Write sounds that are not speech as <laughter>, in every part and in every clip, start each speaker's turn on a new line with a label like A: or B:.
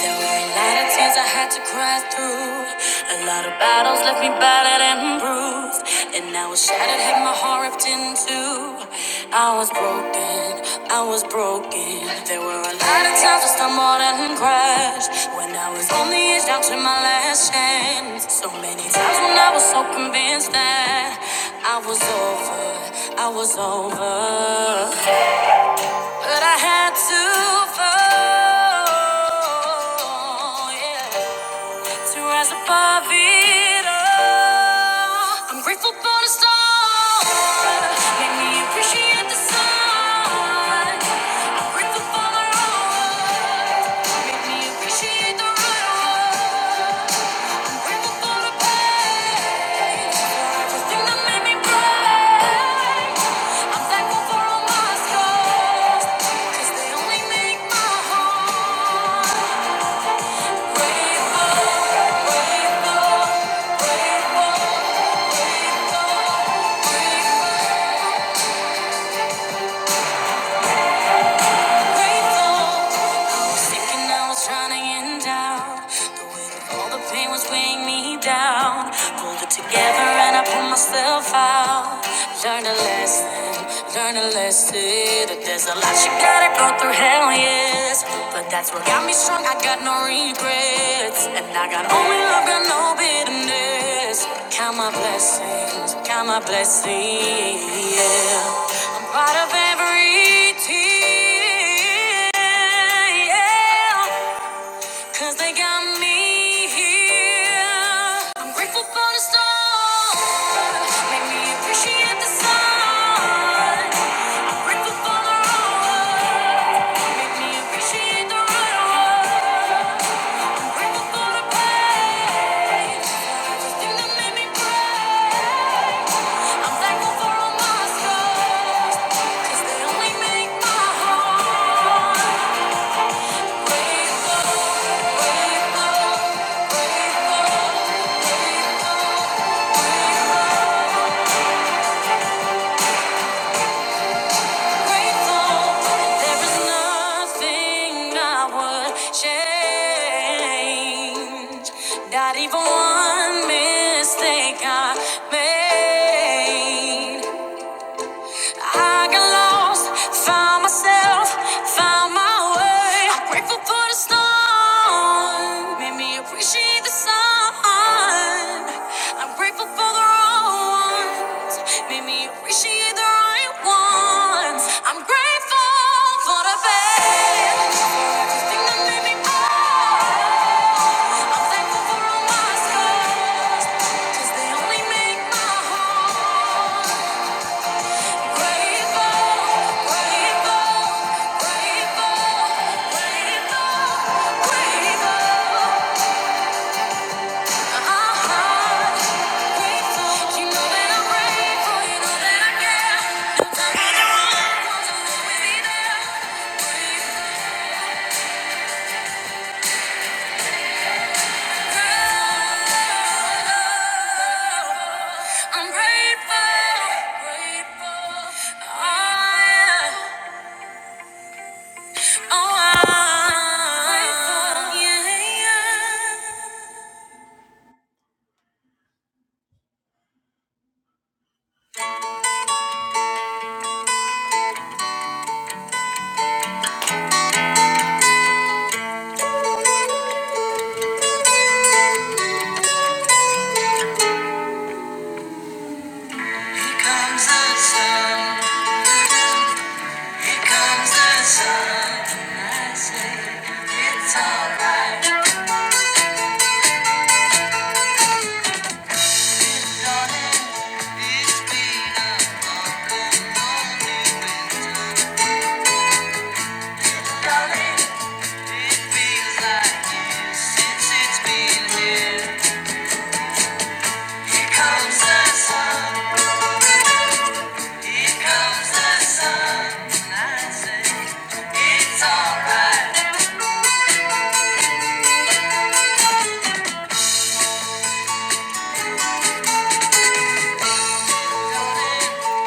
A: There were a lot of tears I had to cry through. A lot of battles left me battered and bruised. And I was shattered, had my heart ripped in two. I was broken, I was broken. There were a lot of times I stumbled and crashed. When I was on the edge, down to my last chance. So many times when I was so convinced that I was over, I was over. But I had to fall, yeah, to rise above it all. I'm grateful for the stars, made me appreciate the sun. I'm grateful for the road, made me appreciate the road. I'm grateful for the pain, for everything that made me proud. I'm thankful for all my scars, 'cause they only make my heart grateful, grateful, grateful, grateful, grateful, grateful. was sick and I was running in doubt. The weight of all the pain was weighing me down. Pulled it together and I pulled myself out. Learned a lesson, learned a lesson. That there's a lot you gotta go through, hell yes. But that's what got me strong, I got no regrets. And I got only love, got no bitterness. Count my blessings, count my blessings, yeah. I'm proud of every tear. Yeah, yeah. Cause they got me here. I'm grateful for the storm. Make me appreciate the sun. I'm grateful for the road. Make me appreciate the road. I'm grateful for the pain. The thing that made me brave. I'm thankful for all my they only make my heart. Not even one mistake I made. I got lost, found myself, found my way. I'm grateful for the storm, made me appreciate the sun. I'm grateful for the wrong made me appreciate the right ones. I'm grateful for the bad, the that made me proud. I'm thankful for all my scars, 'cause they only make my heart. I'm grateful, grateful. Oh, yeah. Oh, yeah. Grateful, yeah, yeah. comes the sun, here comes the sun, and I say it's alright, darling. It's been a long, lonely winter, darling. It feels like years since it's been here. Here comes the sun, here comes the sun, and I say it's alright.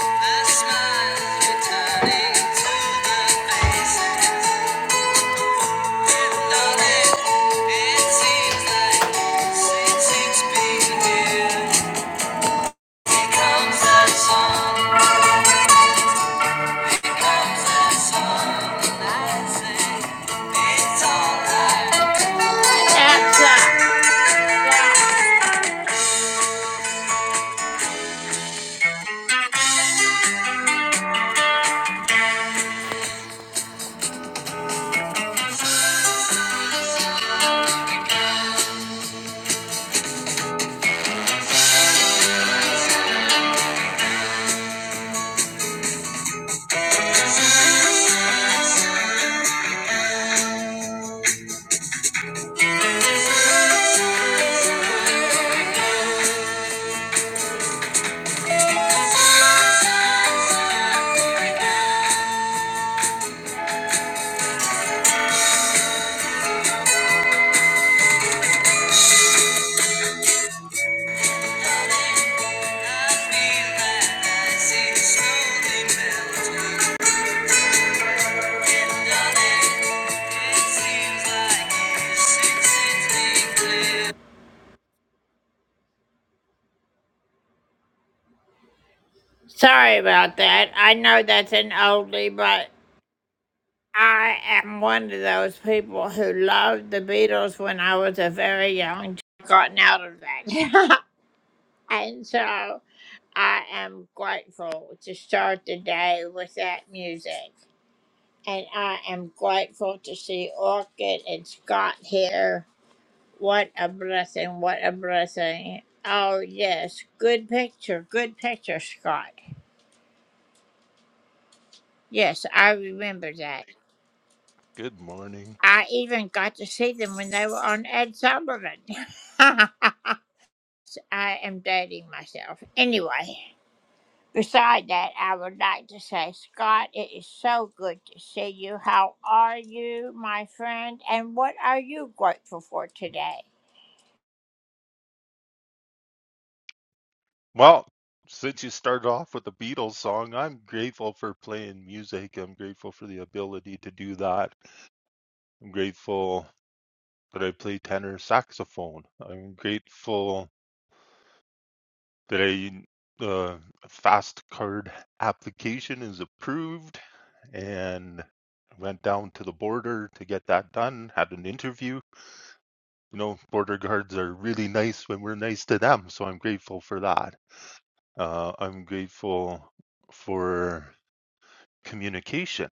A: The smiles returning to the faces.
B: Good morning. Well, since you started off with the Beatles song, I'm grateful for playing music. I'm grateful for the ability to do that. I'm grateful that I play tenor saxophone. I'm grateful that I the fast card application is approved and went down to the border to get that done, had an interview. You know, border guards are really nice when we're nice to them, so I'm grateful for that. Uh, I'm grateful for communication,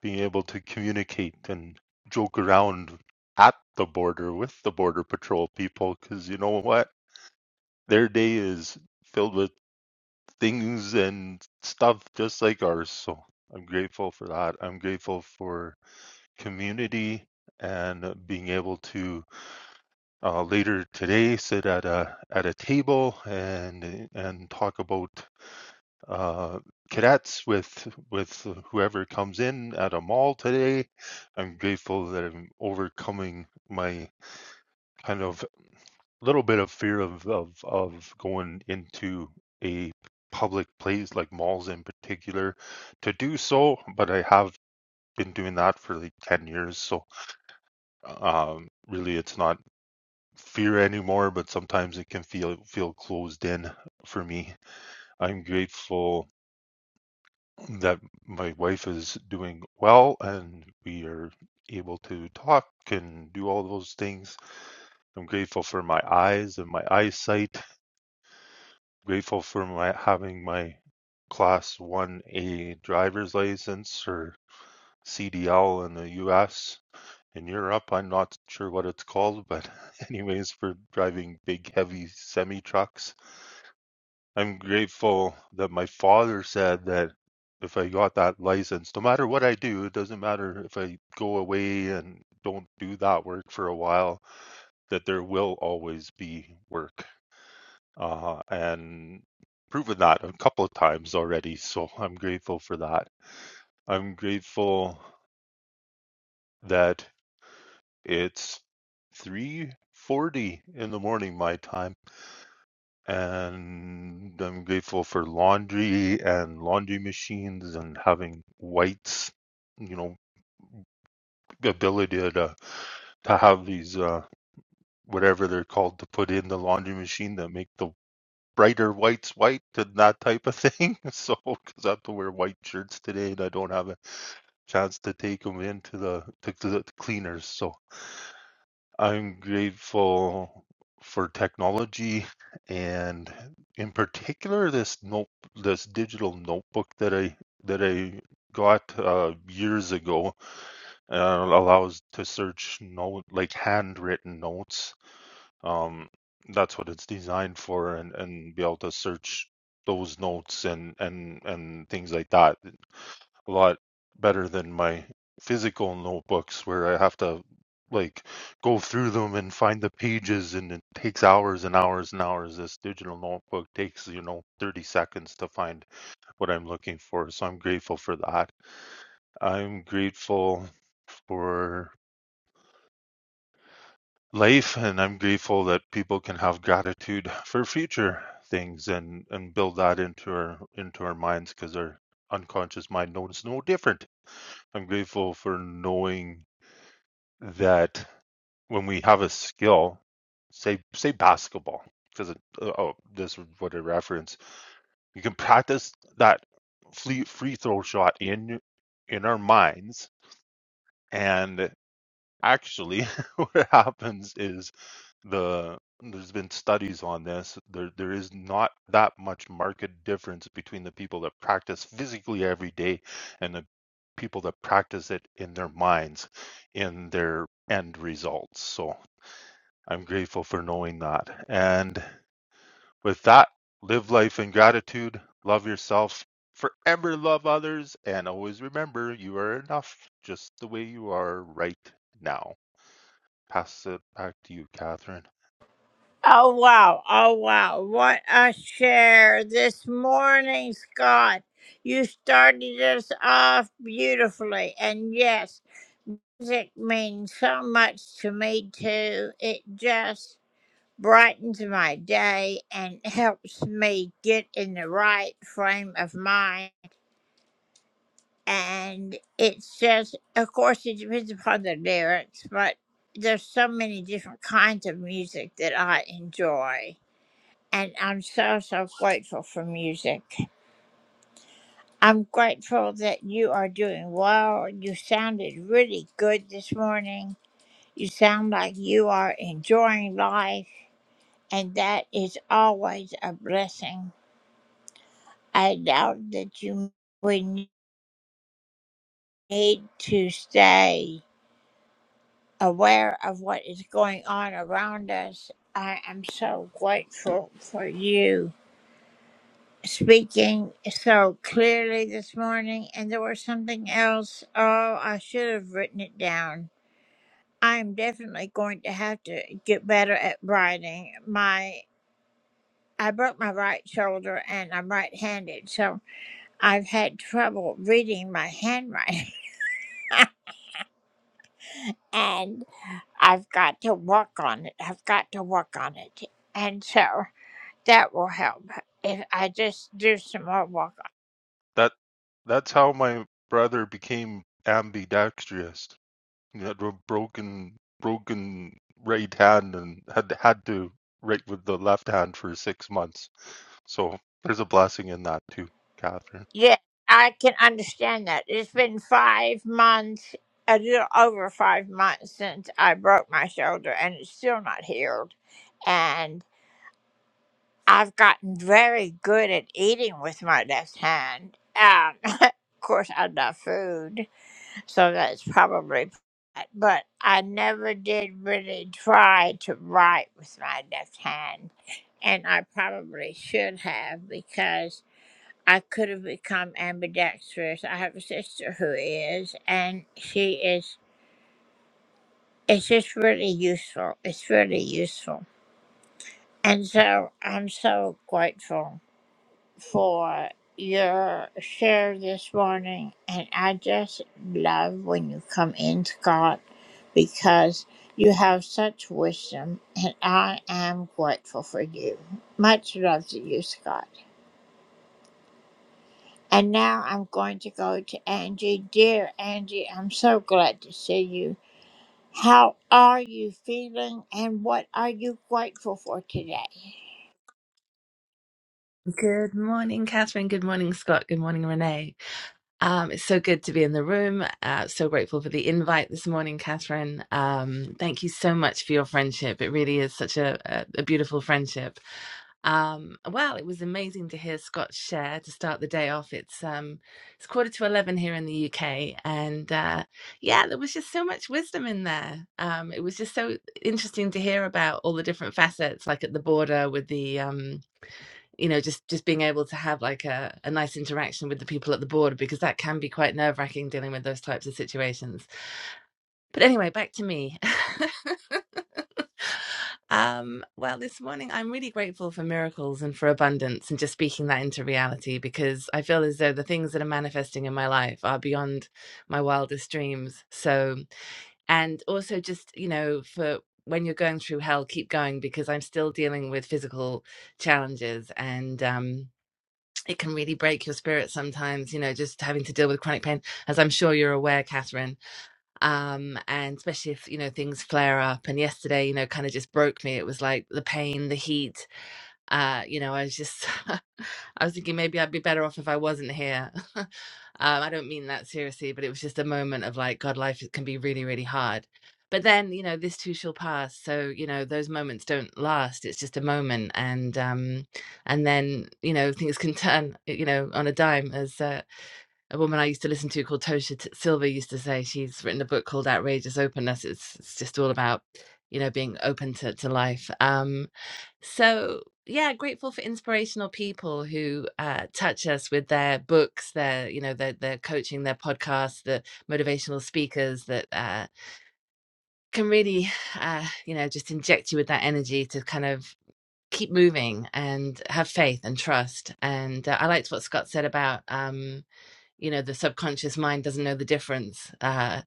B: being able to communicate and joke around at the border with the Border Patrol people, because you know what? Their day is filled with things and stuff just like ours. So I'm grateful for that. I'm grateful for community and being able to uh, later today sit at a at a table and and talk about uh, cadets with with whoever comes in at a mall today. I'm grateful that I'm overcoming my kind of little bit of fear of of, of going into a public place like malls in particular to do so, but I have been doing that for like 10 years so um really it's not fear anymore but sometimes it can feel feel closed in for me i'm grateful that my wife is doing well and we are able to talk and do all those things. I'm grateful for my eyes and my eyesight. Grateful for my having my class 1A driver's license or CDL in the US. In Europe, I'm not sure what it's called, but <laughs> anyways, for driving big, heavy semi trucks. I'm grateful that my father said that if I got that license, no matter what I do, it doesn't matter if I go away and don't do that work for a while, that there will always be work. Uh, and proven that a couple of times already. So I'm grateful for that. I'm grateful that it's 3:40 in the morning my time and I'm grateful for laundry and laundry machines and having whites, you know, ability to to have these uh whatever they're called to put in the laundry machine that make the brighter whites white and that type of thing. <laughs> So, because I have to wear white shirts today and I don't have a chance to take them into the to, to the cleaners, so I'm grateful for technology and in particular this note this digital notebook that I that I got uh, years ago uh, allows to search note like handwritten notes. Um, that's what it's designed for and and be able to search those notes and and and things like that a lot better than my physical notebooks where I have to like go through them and find the pages and it takes hours and hours and hours. This digital notebook takes, you know, 30 seconds to find what I'm looking for. So I'm grateful for that. I'm grateful for life and I'm grateful that people can have gratitude for future things and and build that into our into our minds because our unconscious mind knows no different. I'm grateful for knowing that when we have a skill, say say basketball, because oh, this is what I reference. You can practice that free free throw shot in in our minds, and Actually, <laughs> what happens is the there's been studies on this. There there is not that much market difference between the people that practice physically every day and the people that practice it in their minds in their end results. So I'm grateful for knowing that. And with that, live life in gratitude, love yourself, forever love others, and always remember you are enough just the way you are right now pass it back to you, Catherine. That that's how my brother became ambidextrous. He had a broken broken right hand and had had to write with the left hand for six months. So there's a blessing in that too, Catherine.
C: Good morning, Catherine. Good morning, Scott. Good morning, Renee. Um, it's so good to be in the room. Uh, so grateful for the invite this morning, Catherine. Um, thank you so much for your friendship. It really is such a, a, a beautiful friendship. Um, well, it was amazing to hear Scott share to start the day off. It's um, it's quarter to eleven here in the UK, and uh, yeah, there was just so much wisdom in there. Um, it was just so interesting to hear about all the different facets, like at the border with the um, you know just just being able to have like a, a nice interaction with the people at the border because that can be quite nerve-wracking dealing with those types of situations but anyway back to me <laughs> um well this morning i'm really grateful for miracles and for abundance and just speaking that into reality because i feel as though the things that are manifesting in my life are beyond my wildest dreams so and also just you know for when you're going through hell keep going because i'm still dealing with physical challenges and um it can really break your spirit sometimes, you know, just having to deal with chronic pain, as I'm sure you're aware, Catherine. Um, and especially if, you know, things flare up. And yesterday, you know, kind of just broke me. It was like the pain, the heat, uh, you know, I was just, <laughs> I was thinking maybe I'd be better off if I wasn't here. <laughs> um, I don't mean that seriously, but it was just a moment of like, God, life can be really, really hard. But then, you know, this too shall pass. So, you know, those moments don't last. It's just a moment, and um, and then, you know, things can <laughs> turn, you know, on a dime. As uh, a woman I used to listen to called Tosha T- Silva used to say, she's written a book called Outrageous Openness. It's it's just all about, you know, being open to to life. Um, so, yeah, grateful for inspirational people who uh, touch us with their books, their you know their their coaching, their podcasts, the motivational speakers that uh, can really uh, you know just inject you with that energy to kind of keep moving and have faith and trust. And uh, I liked what Scott said about. Um, you know the subconscious mind doesn't know the difference uh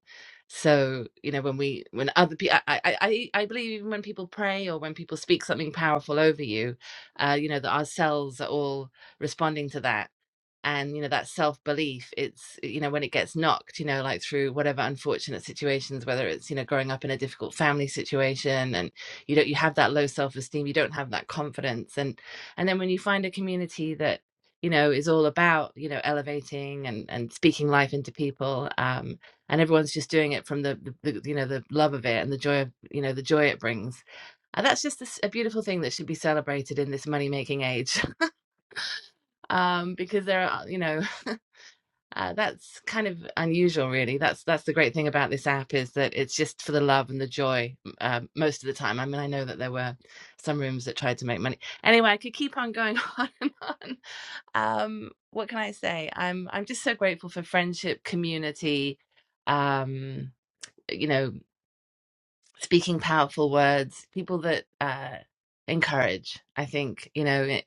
C: so you know when we when other people I, I i I believe even when people pray or when people speak something powerful over you uh you know that our cells are all responding to that and you know that self-belief it's you know when it gets knocked you know like through whatever unfortunate situations whether it's you know growing up in a difficult family situation and you don't you have that low self-esteem you don't have that confidence and and then when you find a community that you know is all about you know elevating and and speaking life into people um and everyone's just doing it from the, the, the you know the love of it and the joy of you know the joy it brings and that's just a s a a beautiful thing that should be celebrated in this money making age <laughs> um because there are you know uh, that's kind of unusual, really. That's that's the great thing about this app is that it's just for the love and the joy uh, most of the time. I mean, I know that there were some rooms that tried to make money. Anyway, I could keep on going <laughs> on and on. Um, what can I say? I'm I'm just so grateful for friendship, community, um, you know, speaking powerful words, people that uh, encourage. I think you know.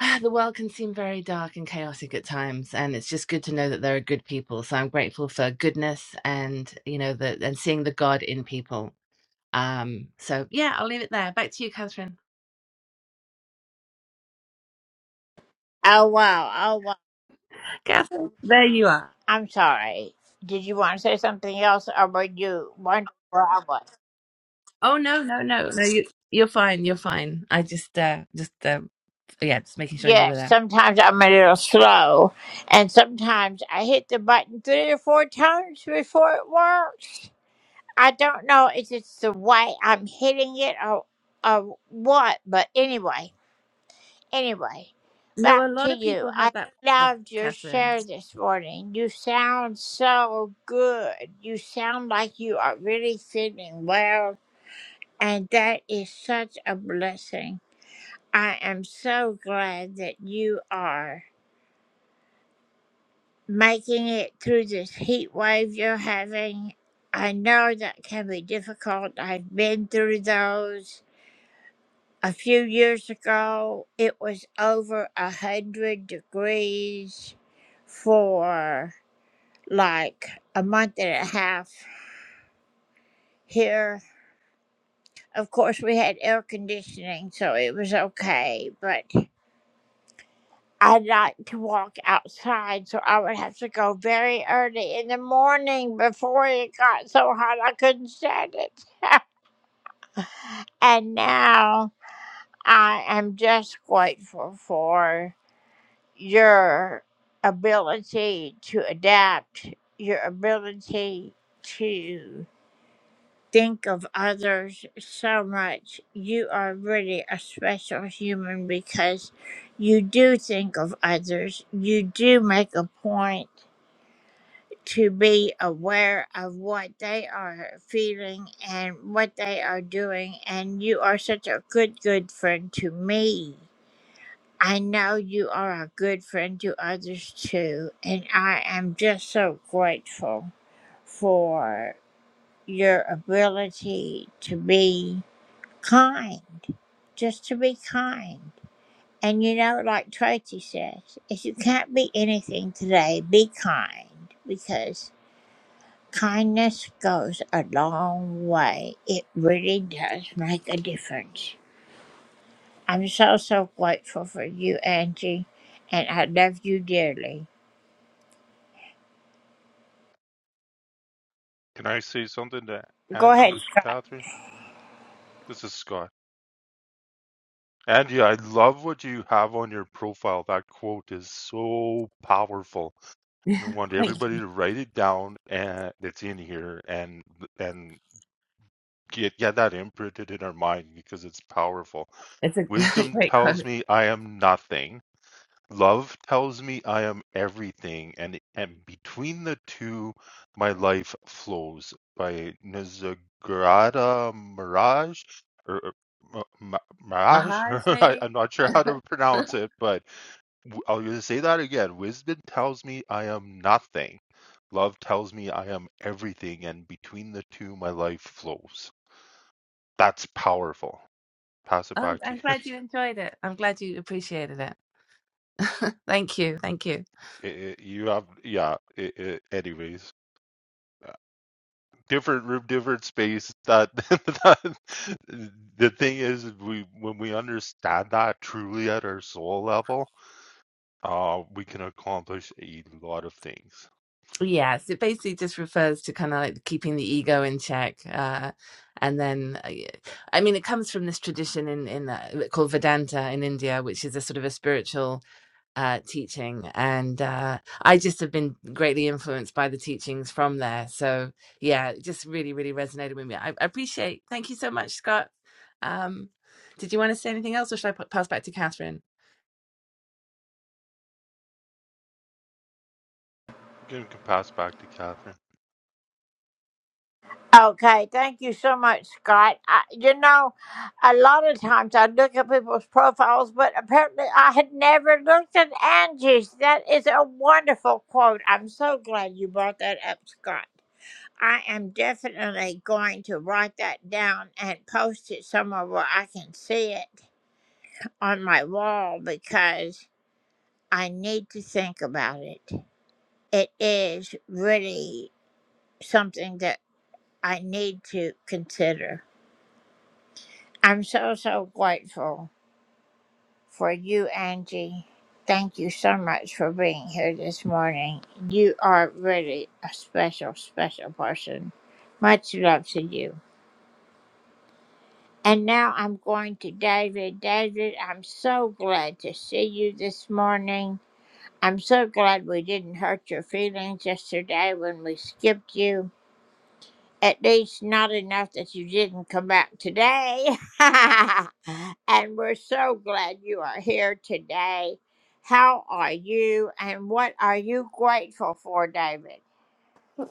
C: Ah, The world can seem very dark and chaotic at times, and it's just good to know that there are good people. So I'm grateful for goodness and you know the and seeing the God in people. Um, so yeah, I'll leave it there. Back to you, Catherine. Catherine, there you are. Oh no, no, no, no. You you're fine. You're fine. I just uh just uh, yeah, just making sure you were there. No, a lot of people have that <laughs> problem, Catherine.
B: Can I say something to Angie, Catherine? This is Scott. Angie, I love what you have on your profile. That quote is so powerful.
C: Yeah,
B: And I want
C: thank you.
B: everybody to write it down and that's in here and and get get that imprinted in our mind because it's powerful.
C: It's a <laughs>
B: Wisdom
C: great
B: tells
C: quote.
B: me I am nothing. Love tells me I am everything, and and between the two, my life flows. By Nazagrada Mirage, or, or Ma- Ma- Mirage. <laughs>
C: Maharaj,
B: I,
C: maybe?
B: I'm not sure how to pronounce it, but w- I'll just say that again. Wisdom tells me I am nothing. Love tells me I am everything, and between the two, my life flows. That's powerful. Pass it
C: Um,
B: back to
C: I'm
B: you. <laughs>
C: glad you enjoyed it. I'm glad you appreciated it. <laughs> thank you. Thank you.
B: I- I- you have, yeah. i i anyways. uh, different room, different space. That, <laughs> that the thing is, we when we understand that truly at our soul level, uh, we can accomplish a lot of things.
C: Yes, it basically just refers to kind of like keeping the ego in check. Uh, and then, uh, y- I mean, it comes from this tradition in, in uh, called Vedanta in India, which is a sort of a spiritual uh, teaching, and uh, I just have been greatly influenced by the teachings from there. So yeah, it just really, really resonated with me. I, I appreciate. Thank you so much, Scott. Um, did you want to say anything else, or should I p- pass back to Catherine?
B: I'm gonna pass back to Catherine.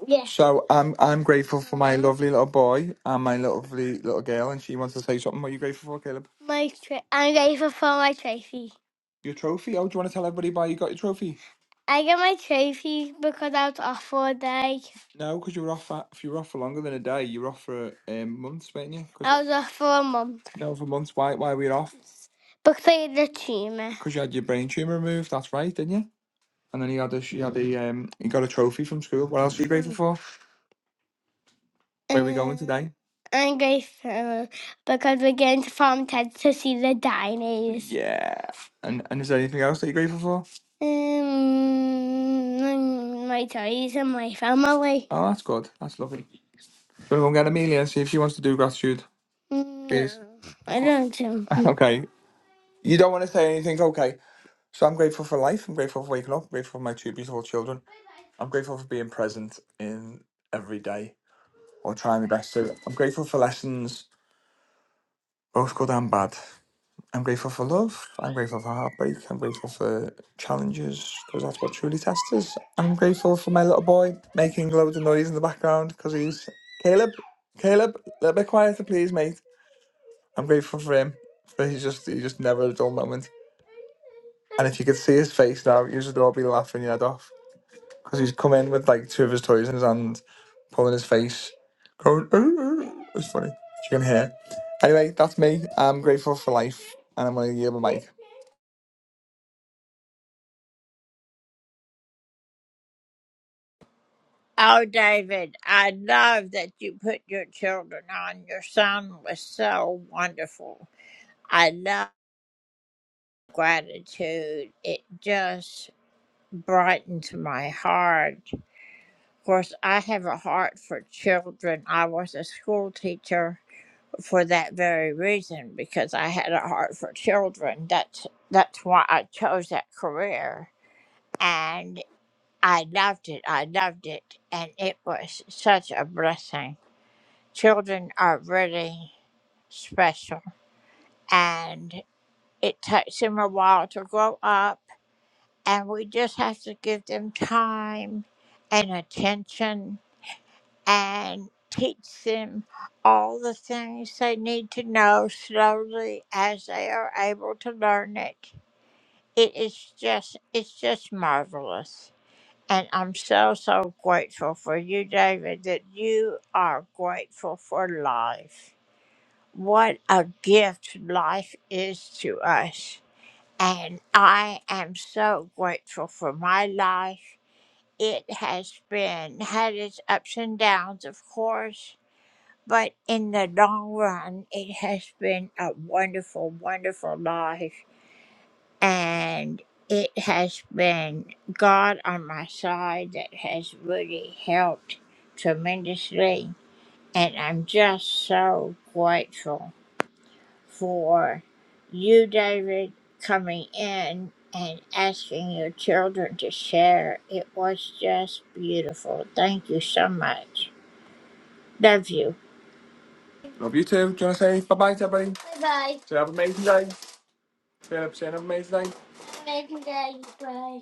D: Yeah. So I'm I'm grateful for my lovely little boy and my lovely little girl, and she wants to say something. What are you grateful for, Caleb? My tra- I'm grateful for my trophy. Your trophy. Oh, do you want to tell everybody why you got your trophy? I got my trophy because I was off for a day. No, because you were off. For, if you were off for longer than a day, you were off for um, months, weren't you? 'Cause- I was off for a month no, for months. Why? Why were you off? because I had a tumour. Because you had your brain tumor removed. That's right, didn't you? And then he had a, you had a, um, you got a trophy from school. What else are you grateful for? Where are we going Uh, today? I'm grateful because we're going to Farm Ted to see the diners. Yeah. And and is there anything else that you're grateful for? Um, mm, my toys and my family. Oh, that's good. That's lovely. We'll go and get Amelia and see if she wants to do gratitude. Mm, Please. No, I don't. Um, <laughs> Okay. You don't want to say anything? Okay. So I'm grateful for life. I'm grateful for waking up. I'm grateful for my two beautiful children. I'm grateful for being present in every day or try my best to. I'm grateful for lessons, both good and bad. I'm grateful for love. I'm grateful for heartbreak. I'm grateful for challenges because that's what truly tests us. I'm grateful for my little boy making loads of noise in the background because he's Caleb. Caleb, a little bit quieter, please, mate. I'm grateful for him. For he's just he just never had a dull moment. And if you could see his face now, you'd all be laughing your head off because he's come in with like two of his toys in his hand, pulling his face, going. "Arr, arr." It's funny. You can hear. Anyway, that's me. I'm grateful for life, and I'm gonna yield my mic. Love you too. Do you wanna say bye bye to everybody? Bye bye. So have an amazing day. Philip, say have an amazing day. Amazing day. Bye.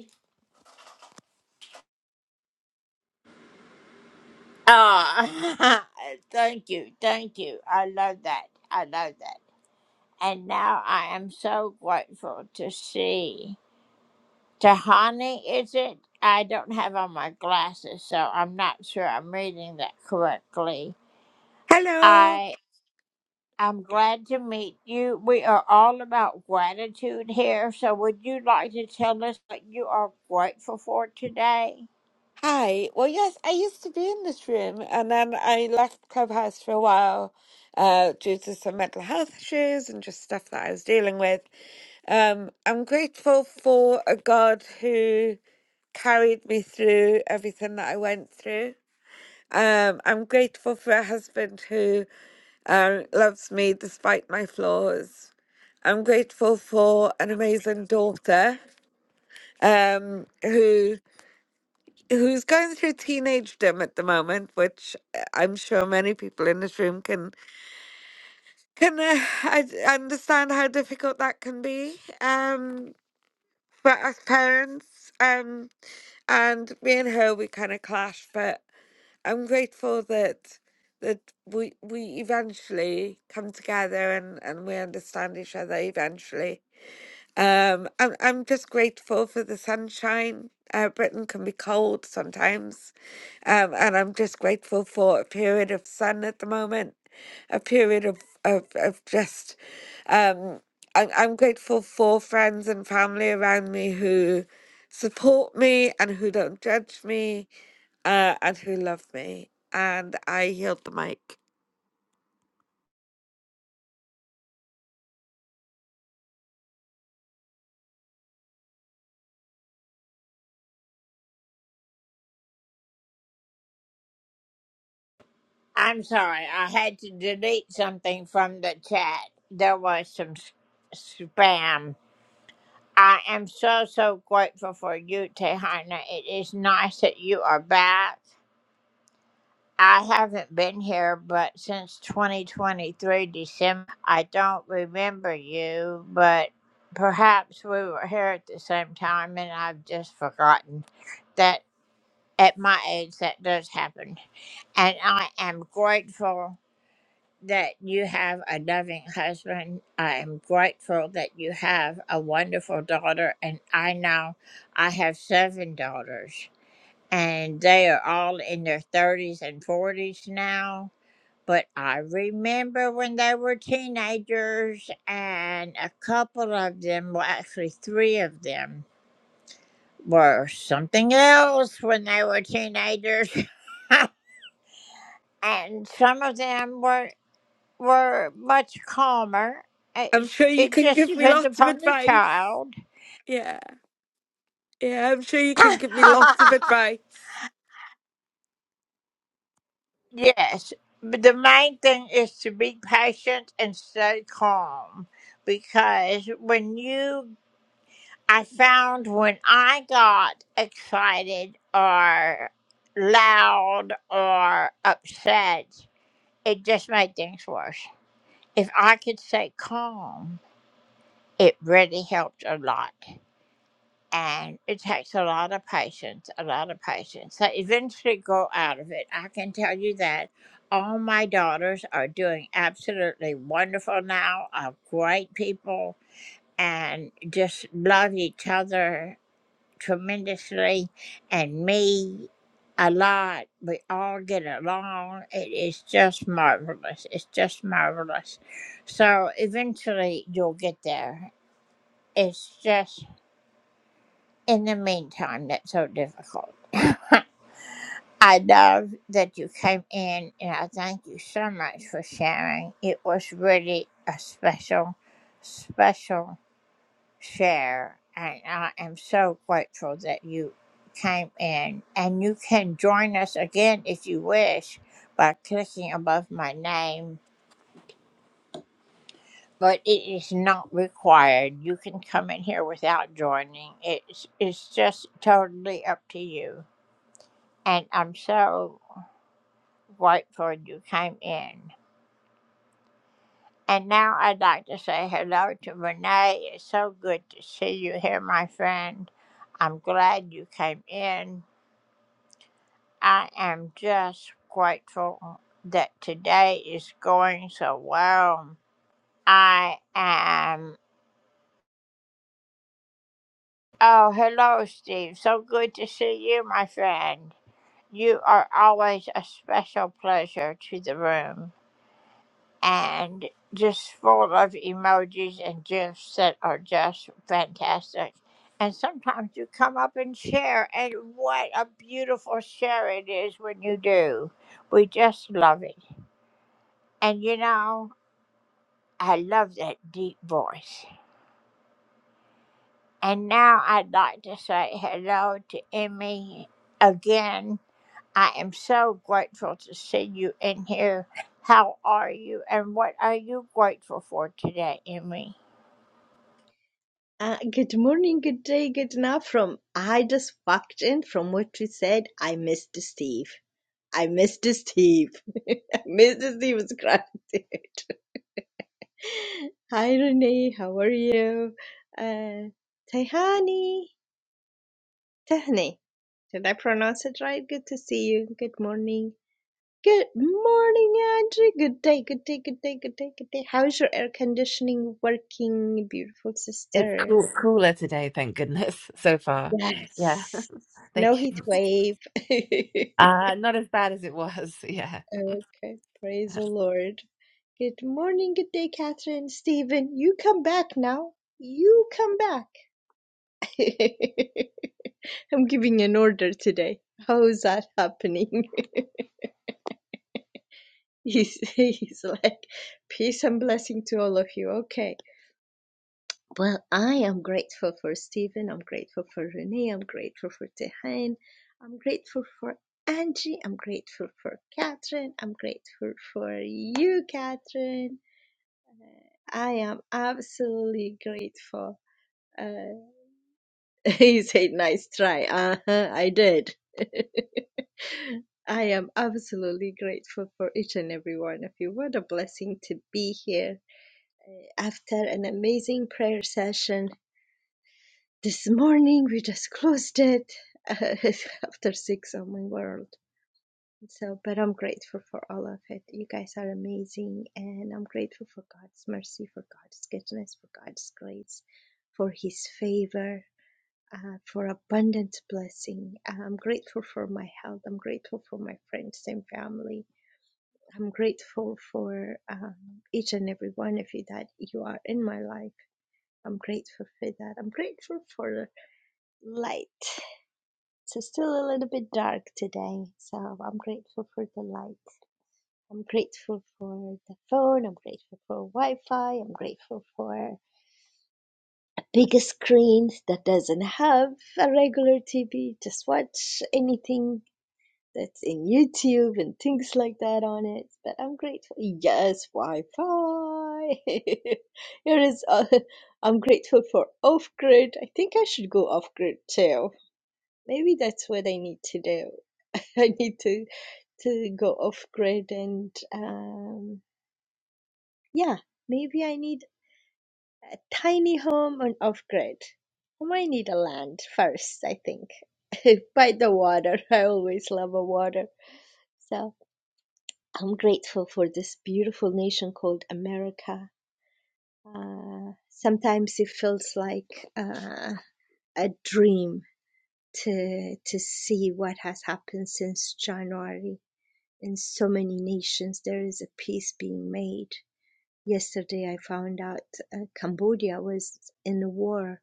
E: Hello. Hi. Well, yes, I used to be in this room and then I left Clubhouse for a while uh, due to some mental health issues and just stuff that I was dealing with. Um, I'm grateful for a God who carried me through everything that I went through. Um, I'm grateful for a husband who um, loves me despite my flaws. I'm grateful for an amazing daughter um, who who's going through teenagedom at the moment, which uh, I'm sure many people in this room can can uh, I d- understand how difficult that can be um, for us parents. Um, and me and her, we kind of clash, but I'm grateful that that we we eventually come together and and we understand each other eventually Um, I'm I'm just grateful for the sunshine. Uh, Britain can be cold sometimes, um, and I'm just grateful for a period of sun at the moment, a period of of, of just. Um, I'm I'm grateful for friends and family around me who support me and who don't judge me uh, and who love me. And I healed the mic. I'm sure you can give me lots of advice. Yeah. Yeah, I'm sure you can give me lots of advice.
F: Uh, good morning, good day, good now from I just walked in from what you said. I missed Steve. I missed Steve. <laughs> I missed Steve's gratitude. <laughs> Hi Renee, how are you? Uh Tehani. Tehani. Did I pronounce it right? Good to see you. Good morning. Good morning, Andrew. Good day, good day, good day, good day, good day. How's your air conditioning working, beautiful
C: It's
F: sister?
C: cool, cooler today, thank goodness, <laughs> so far. Yeah,
F: Yes.
C: <laughs>
F: No
C: thank you.
F: heat wave. <laughs>
C: Uh, not as bad as it was. <laughs> Yeah.
F: Okay, praise the Lord. Good morning, good day, Catherine, Stephen. You come back now. You come back. <laughs> I'm giving an order today. How is that happening? <laughs> He's, he's like, peace and blessing to all of you. Okay. Well, I am grateful for Stephen. I'm grateful for Renee. I'm grateful for Tehan. I'm grateful for Angie. I'm grateful for Catherine. I'm grateful for you, Catherine. I am absolutely grateful. Uh, <laughs> you said nice try. Uh-huh, I did. <laughs> I am absolutely grateful for each and every one of you. What a blessing to be here after an amazing prayer session This morning we just closed it <laughs> after six on my world. So, but I'm grateful for all of it. You guys are amazing, and I'm grateful for God's mercy, for God's goodness, for God's grace, for His favor, uh, for abundant blessing. I'm grateful for my health. I'm grateful for my friends and family. I'm grateful for um, each and every one of you that you are in my life. I'm grateful for that. I'm grateful for light. It's still a little bit dark today, so I'm grateful for the light. I'm grateful for the phone. I'm grateful for Wi-Fi. I'm grateful for a bigger screen that doesn't have a regular TV. Just watch anything that's in YouTube and things like that on it. But I'm grateful. Yes, Wi-Fi. <laughs> Here is. Uh, I'm grateful for off-grid. I think I should go off-grid too. Maybe that's what I need to do. <laughs> I need to to go off grid and um yeah, maybe I need a tiny home on off grid. I might need a land first, I think. <laughs> By the water. <laughs> I always love a water. So I'm grateful for this beautiful nation called America. Uh, sometimes it feels like uh, a dream to to see what has happened since January in so many nations there is a peace being made. Yesterday, I found out uh, Cambodia was in a war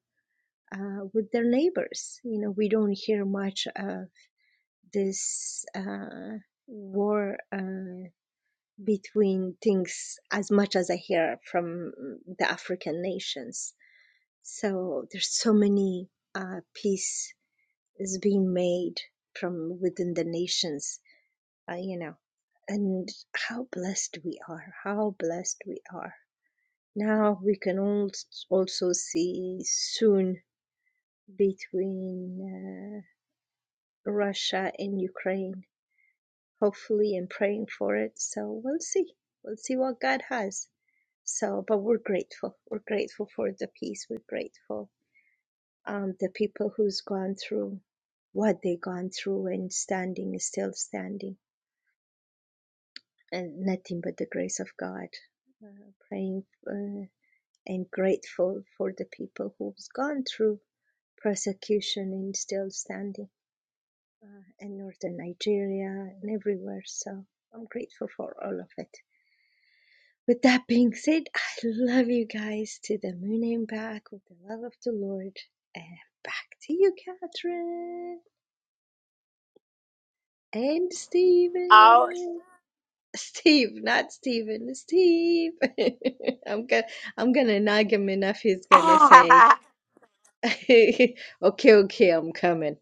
F: uh, with their neighbors. You know, we don't hear much of this uh, war uh, between things as much as I hear from the African nations. So there's so many uh, peace is being made from within the nations uh, you know, and how blessed we are, how blessed we are. Now we can all also see soon between uh, Russia and Ukraine, hopefully, and praying for it. So we'll see. We'll see what God has. So, but we're grateful. We're grateful for the peace. We're grateful. Um, the people who's gone through what they gone through and standing is still standing and nothing but the grace of God. Uh, praying uh, and grateful for the people who's gone through persecution and still standing in northern Nigeria and everywhere. So I'm grateful for all of it. With that being said, I love you guys to the moon and back with the love of the Lord. And back to you, Catherine and Stephen. Steve, not Steven, Steve. <laughs> I'm gonna I'm gonna nag him enough. He's gonna say, <laughs> "Okay, okay, I'm coming."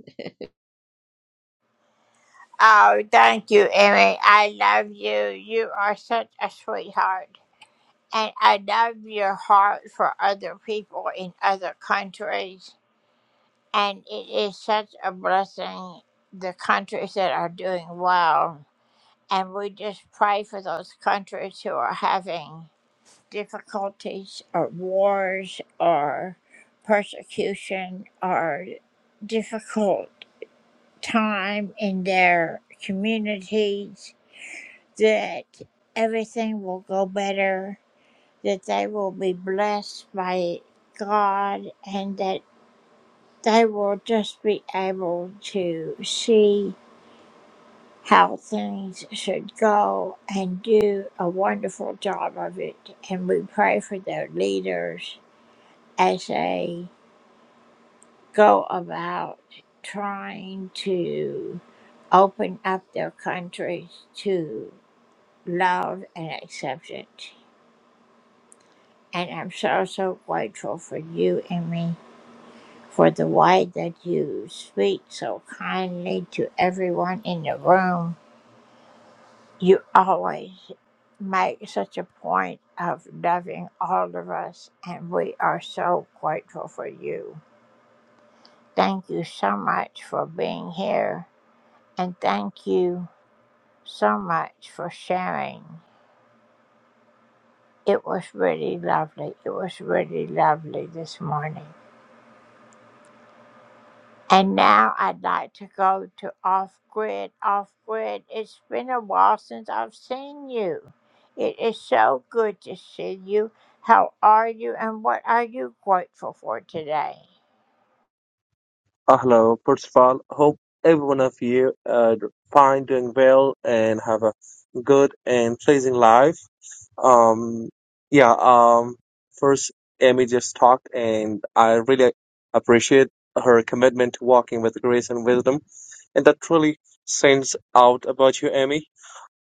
G: Uh, hello. First of all, hope every one of you are fine, doing well, and have a good and pleasing life. Um, yeah. Um, first, Amy just talked, and I really appreciate her commitment to walking with grace and wisdom, and that truly sends out about you, Amy.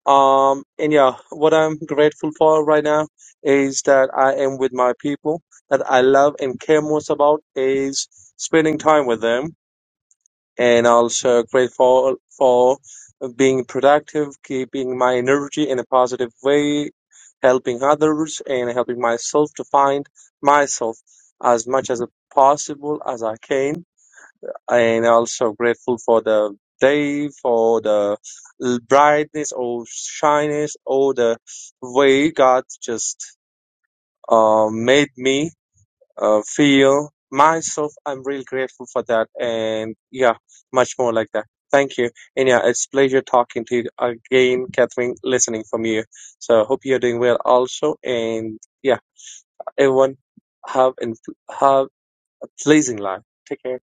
G: Um, and yeah, what I'm grateful for right now is that I am with my people that I love and care most about is spending time with them and also grateful for being productive, keeping my energy in a positive way, helping others, and helping myself to find myself as much as possible as I can. And also grateful for the day, for the l- brightness or shyness, or the way God just uh, made me uh, feel myself i'm really grateful for that and yeah much more like that thank you and yeah it's pleasure talking to you again catherine listening from you so I hope you're doing well also and yeah everyone have and have a pleasing life take care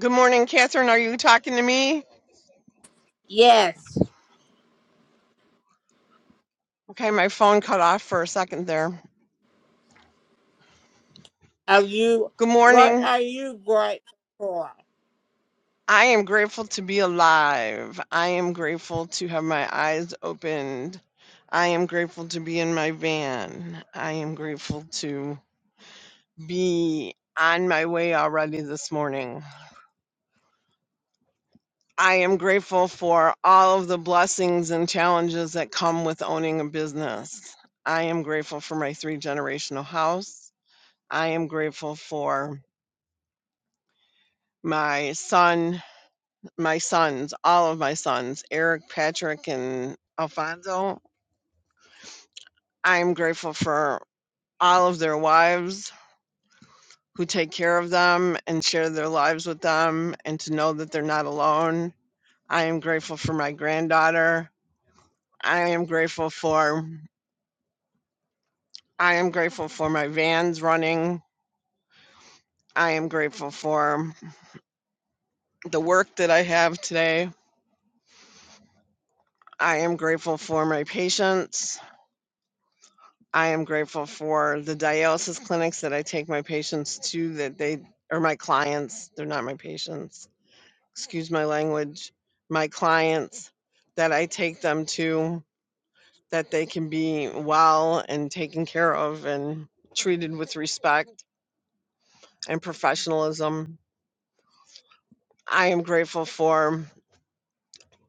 H: Good morning, Catherine. Are you talking to me? Okay, my phone cut off for a second there. Good morning. I am grateful to be alive. I am grateful to have my eyes opened. I am grateful to be in my van. I am grateful to be on my way already this morning. I am grateful for all of the blessings and challenges that come with owning a business. I am grateful for my three generational house. I am grateful for my son, my sons, all of my sons, Eric, Patrick, and Alfonso. I'm grateful for all of their wives who take care of them and share their lives with them and to know that they're not alone. I am grateful for my granddaughter. I am grateful for I am grateful for my vans running. I am grateful for the work that I have today. I am grateful for my patients. I am grateful for the dialysis clinics that I take my patients to that they are my clients, they're not my patients. Excuse my language. My clients that I take them to that they can be well and taken care of and treated with respect and professionalism. I am grateful for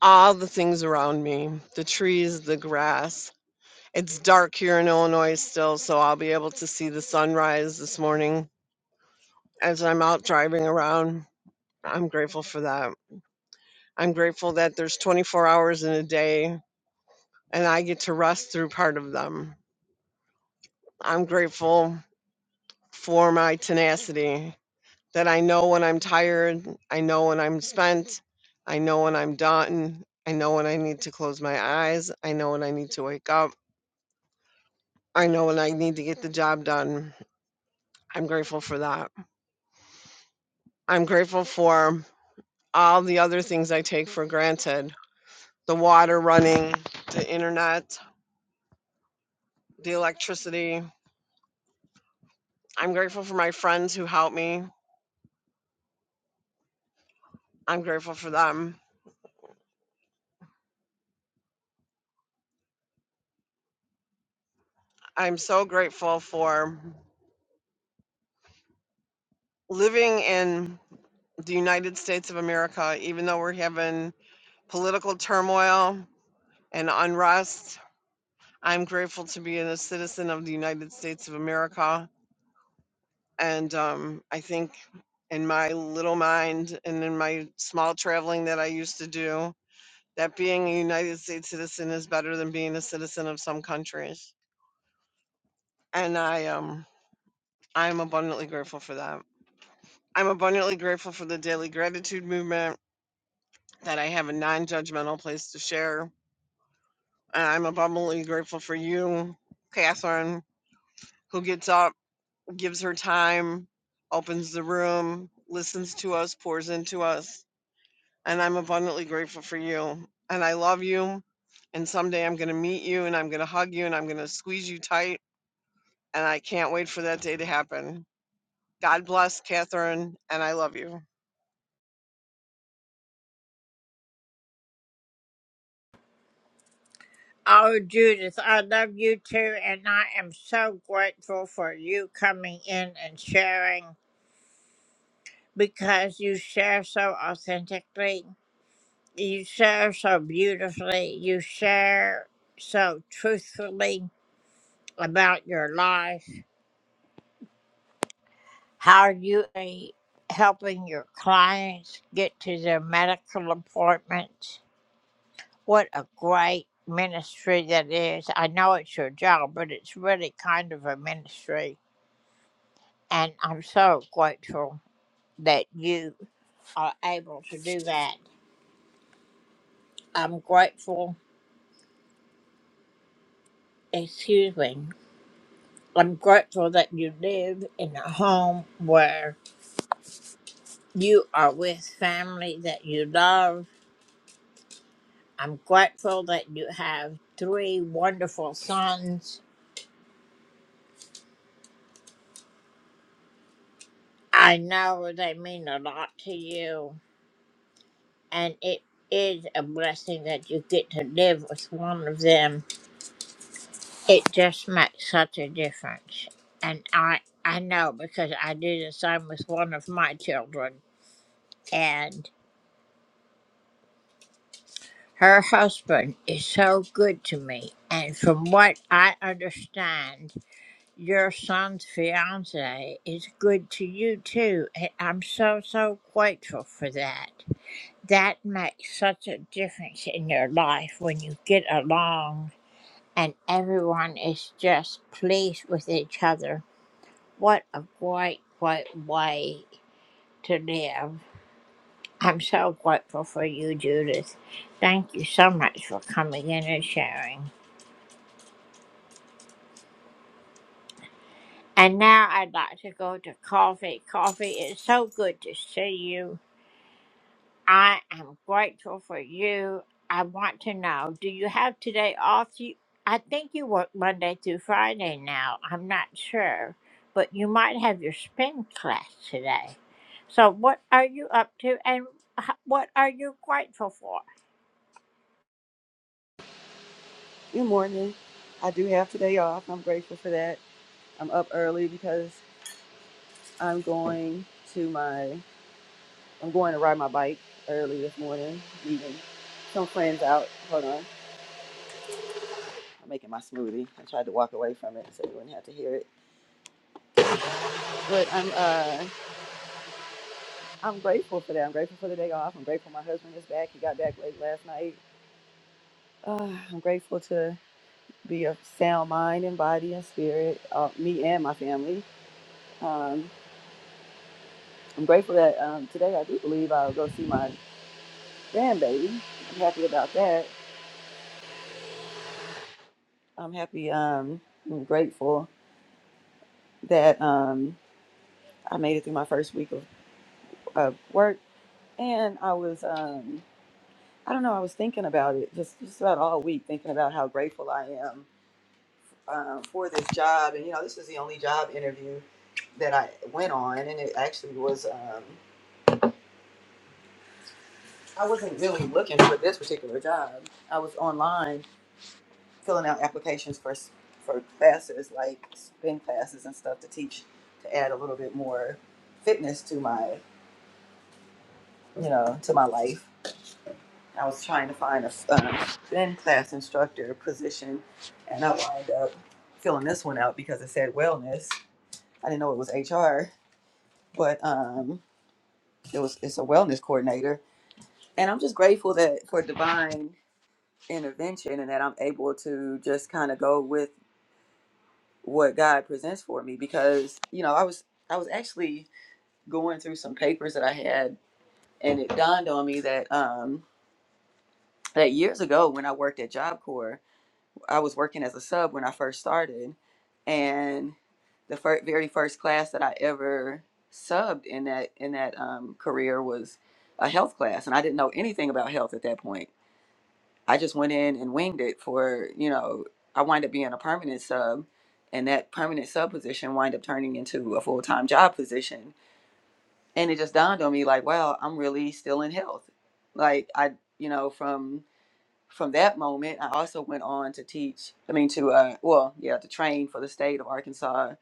H: all the things around me, the trees, the grass. It's dark here in Illinois still, so I'll be able to see the sunrise this morning as I'm out driving around. I'm grateful for that. I'm grateful that there's 24 hours in a day and I get to rest through part of them. I'm grateful for my tenacity that I know when I'm tired, I know when I'm spent, I know when I'm done, I know when I need to close my eyes, I know when I need to wake up, I know when I need to get the job done. I'm grateful for that. I'm grateful for all the other things I take for granted the water running, the internet, the electricity. I'm grateful for my friends who helped me. I'm grateful for them. I'm so grateful for living in the United States of America, even though we're having political turmoil and unrest. I'm grateful to be a citizen of the United States of America. And um, I think in my little mind and in my small traveling that I used to do. that being a United States citizen is better than being a citizen of some countries. And I um I'm abundantly grateful for that. I'm abundantly grateful for the daily gratitude movement that I have a non-judgmental place to share. And I'm abundantly grateful for you, Catherine, who gets up, gives her time, opens the room, listens to us, pours into us. And I'm abundantly grateful for you. And I love you. And someday I'm going to meet you and I'm going to hug you and I'm going to squeeze you tight and I can't wait for that day to happen. God bless, Catherine, and I love you.
I: Good morning. I do have today off. and I'm grateful for that. I'm up early because I'm going to my I'm going to ride my bike early this morning, meeting some friends out. Hold on. I'm making my smoothie. I tried to walk away from it so you wouldn't have to hear it. But I'm uh I'm grateful for that. I'm grateful for the day off. I'm grateful my husband is back. He got back late last night. Uh, I'm grateful to be of sound mind and body and spirit, uh, me and my family. Um, I'm grateful that um, today I do believe I'll go see my grandbaby. I'm happy about that. I'm happy. Um, I'm grateful that um, I made it through my first week of, of work, and I was um, I don't know. I was thinking about it just just about all week, thinking about how grateful I am um, for this job. And you know, this is the only job interview that I went on, and it actually was. Um, I wasn't really looking for this particular job. I was online filling out applications for for classes like spin classes and stuff to teach to add a little bit more fitness to my you know to my life. I was trying to find a um, spin class instructor position, and I wound up filling this one out because it said wellness. I didn't know it was HR, but um, it was it's a wellness coordinator, and I'm just grateful that for divine intervention and that I'm able to just kind of go with what God presents for me because you know I was I was actually going through some papers that I had and it dawned on me that um that years ago when I worked at Job Corps I was working as a sub when I first started and the fir- very first class that I ever subbed in that in that um, career was a health class and I didn't know anything about health at that point I just went in and winged it for, you know, I wind up being a permanent sub and that permanent sub position wind up turning into a full time job position. And it just dawned on me like, wow, I'm really still in health. Like I you know, from from that moment I also went on to teach I mean to uh well, yeah, to train for the state of Arkansas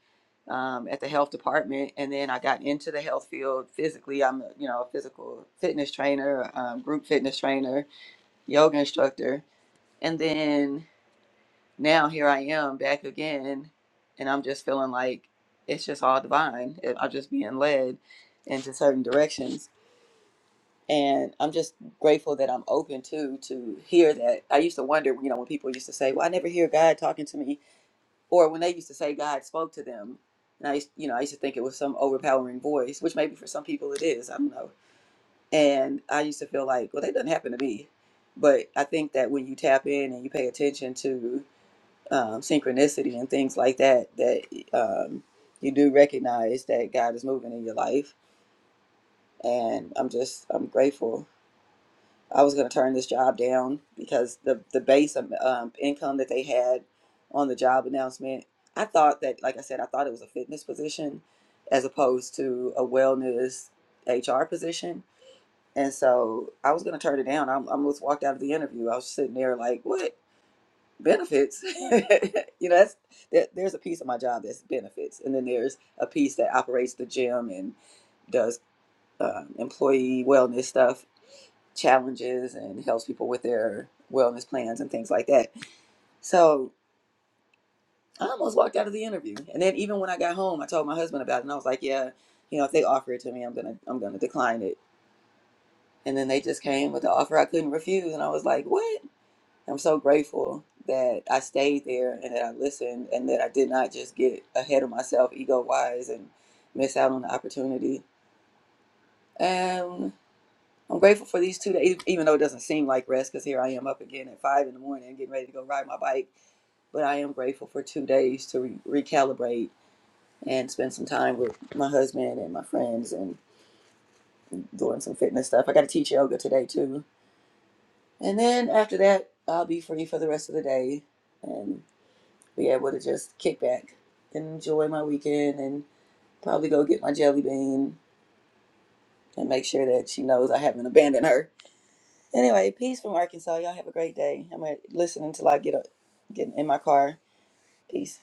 I: um, at the health department and then I got into the health field physically. I'm a you know, a physical fitness trainer, um, group fitness trainer, yoga instructor. And then now here I am back again, and I'm just feeling like it's just all divine. and I'm just being led into certain directions, and I'm just grateful that I'm open to to hear that. I used to wonder, you know, when people used to say, "Well, I never hear God talking to me," or when they used to say God spoke to them, and I, used, you know, I used to think it was some overpowering voice, which maybe for some people it is. I don't know. And I used to feel like, well, that doesn't happen to me. But I think that when you tap in and you pay attention to um, synchronicity and things like that that um, you do recognize that God is moving in your life. And I'm just I'm grateful. I was going to turn this job down because the the base of um, income that they had on the job announcement, I thought that like I said, I thought it was a fitness position as opposed to a wellness HR position. And so I was going to turn it down. I am almost walked out of the interview. I was sitting there like, what? benefits. <laughs> you know, that's that, there's a piece of my job that's benefits, and then there's a piece that operates the gym and does uh, employee wellness stuff, challenges, and helps people with their wellness plans and things like that. So I almost walked out of the interview, and then even when I got home, I told my husband about it, and I was like, "Yeah, you know, if they offer it to me, I'm gonna I'm gonna decline it." And then they just came with the offer I couldn't refuse, and I was like, "What?" I'm so grateful that I stayed there and that I listened and that I did not just get ahead of myself ego wise and miss out on the opportunity. And I'm grateful for these two days, e-, even though it doesn't seem like rest because here I am up again at five in the morning getting ready to go ride my bike. But I am grateful for two days to re- recalibrate and spend some time with my husband and my friends and doing some fitness stuff. I got to teach yoga today too. And then after that, I'll be free for the rest of the day. And be able to just kick back and enjoy my weekend and probably go get my jelly bean and make sure that she knows I haven't abandoned her. Anyway, peace from Arkansas. Y'all have a great day. I'm gonna listen until I get up, get in my car. Peace.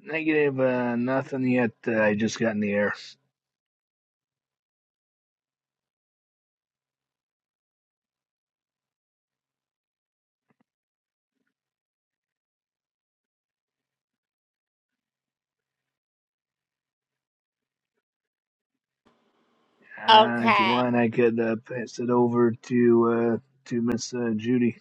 J: Negative, uh, nothing yet. Uh, I just got in the air. Uh, if you want, I could uh, pass it over to uh, to Miss uh, Judy.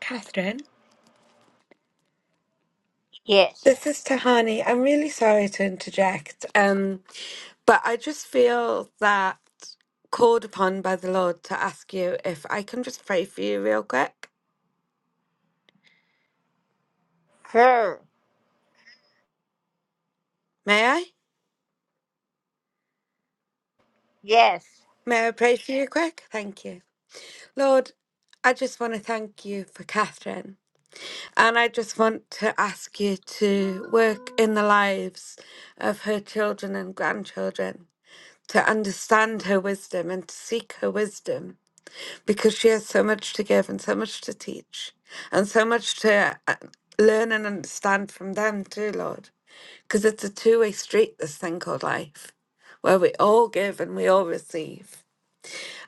E: Catherine. This is Tahani. I'm really sorry to interject, um, but I just feel that called upon by the Lord to ask you if I can just pray for you real quick. May I? May I pray for you quick? Thank you. Lord, I just want to thank you for Catherine. And I just want to ask you to work in the lives of her children and grandchildren. to understand her wisdom and to seek her wisdom because she has so much to give and so much to teach and so much to uh, learn and understand from them too, Lord. Because it's a two way street, this thing called life, where we all give and we all receive.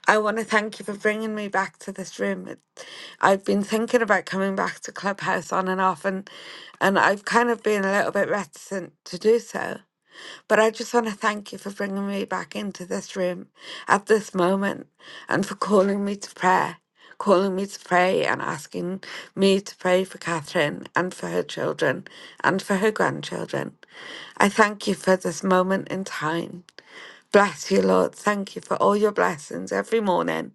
E: I want to thank you for bringing me back to this room. It, I've been thinking about coming back to Clubhouse on and off, and and I've kind of been a little bit reticent to do so but I just want to thank you for bringing me back into this room at this moment and for calling me to prayer, calling me to pray and asking me to pray for Catherine and for her children and for her grandchildren. I thank you for this moment in time. Bless you, Lord. Thank you for all your blessings every morning,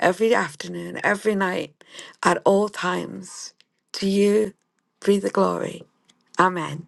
E: every afternoon, every night, at all times. To you be the glory. Amen.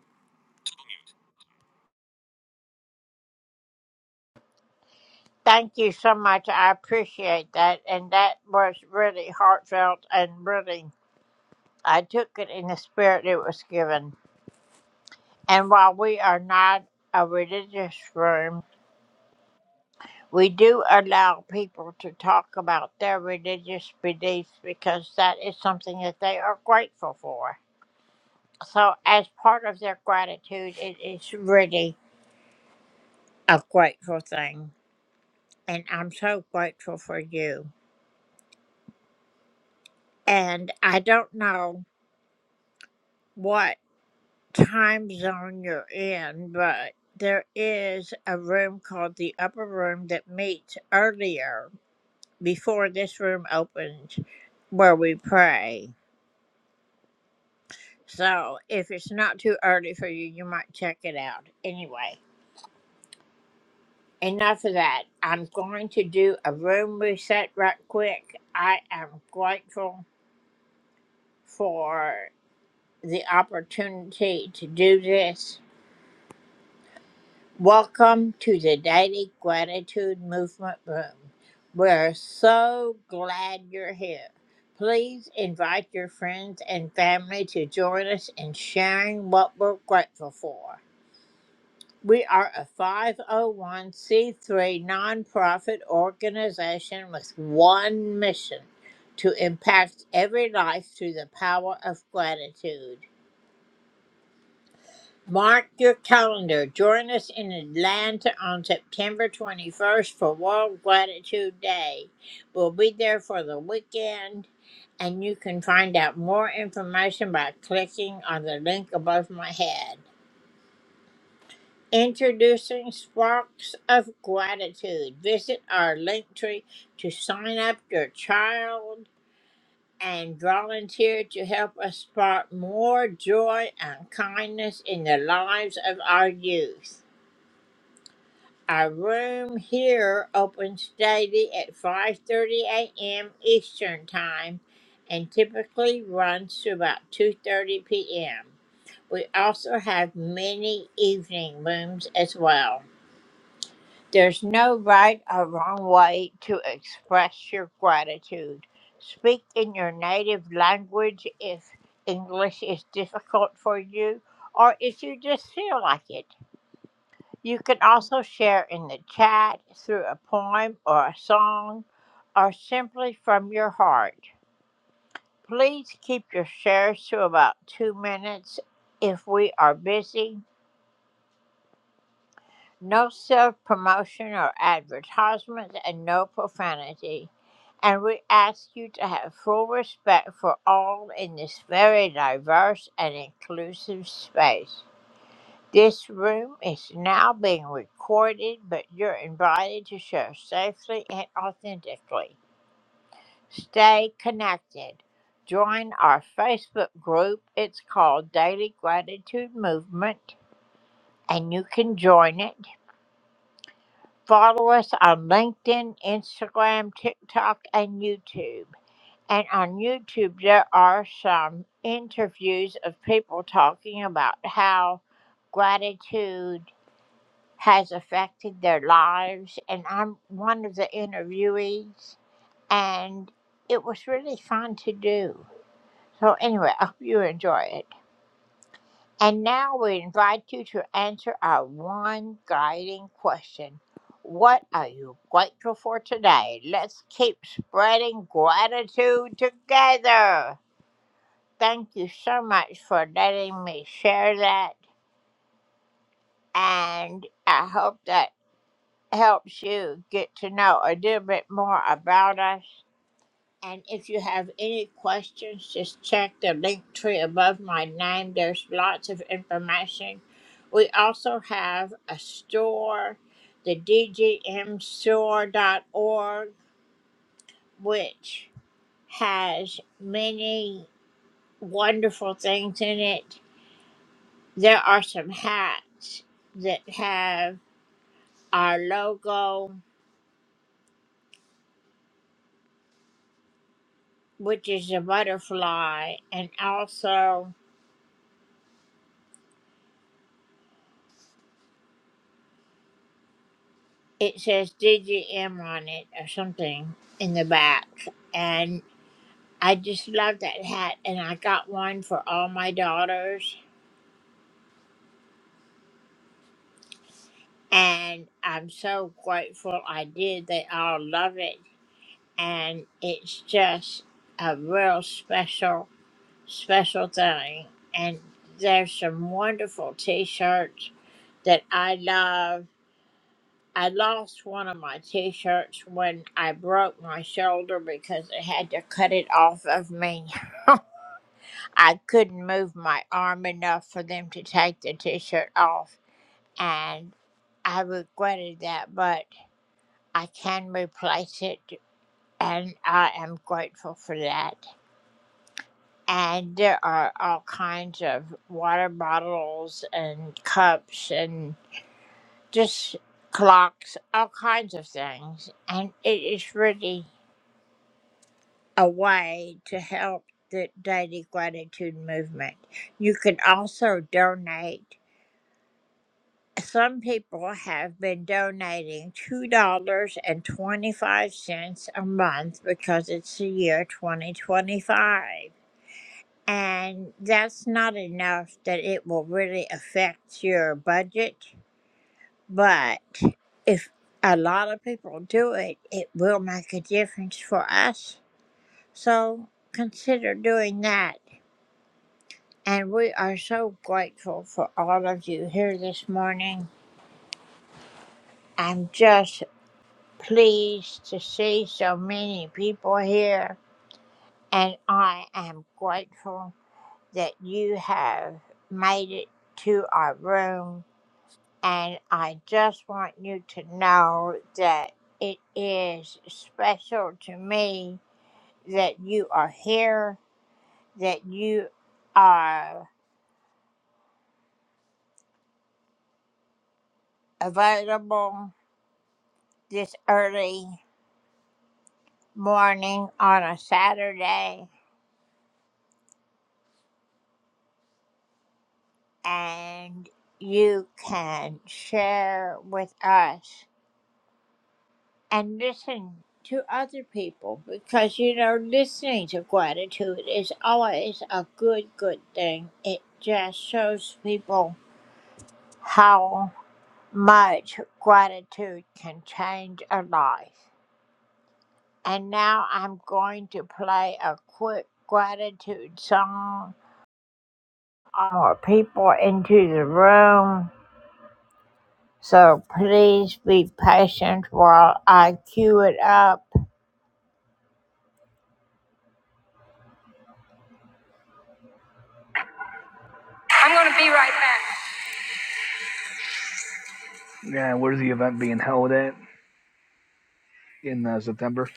A: I'm going to be right back.
J: Yeah, where's the event being held at in uh, September?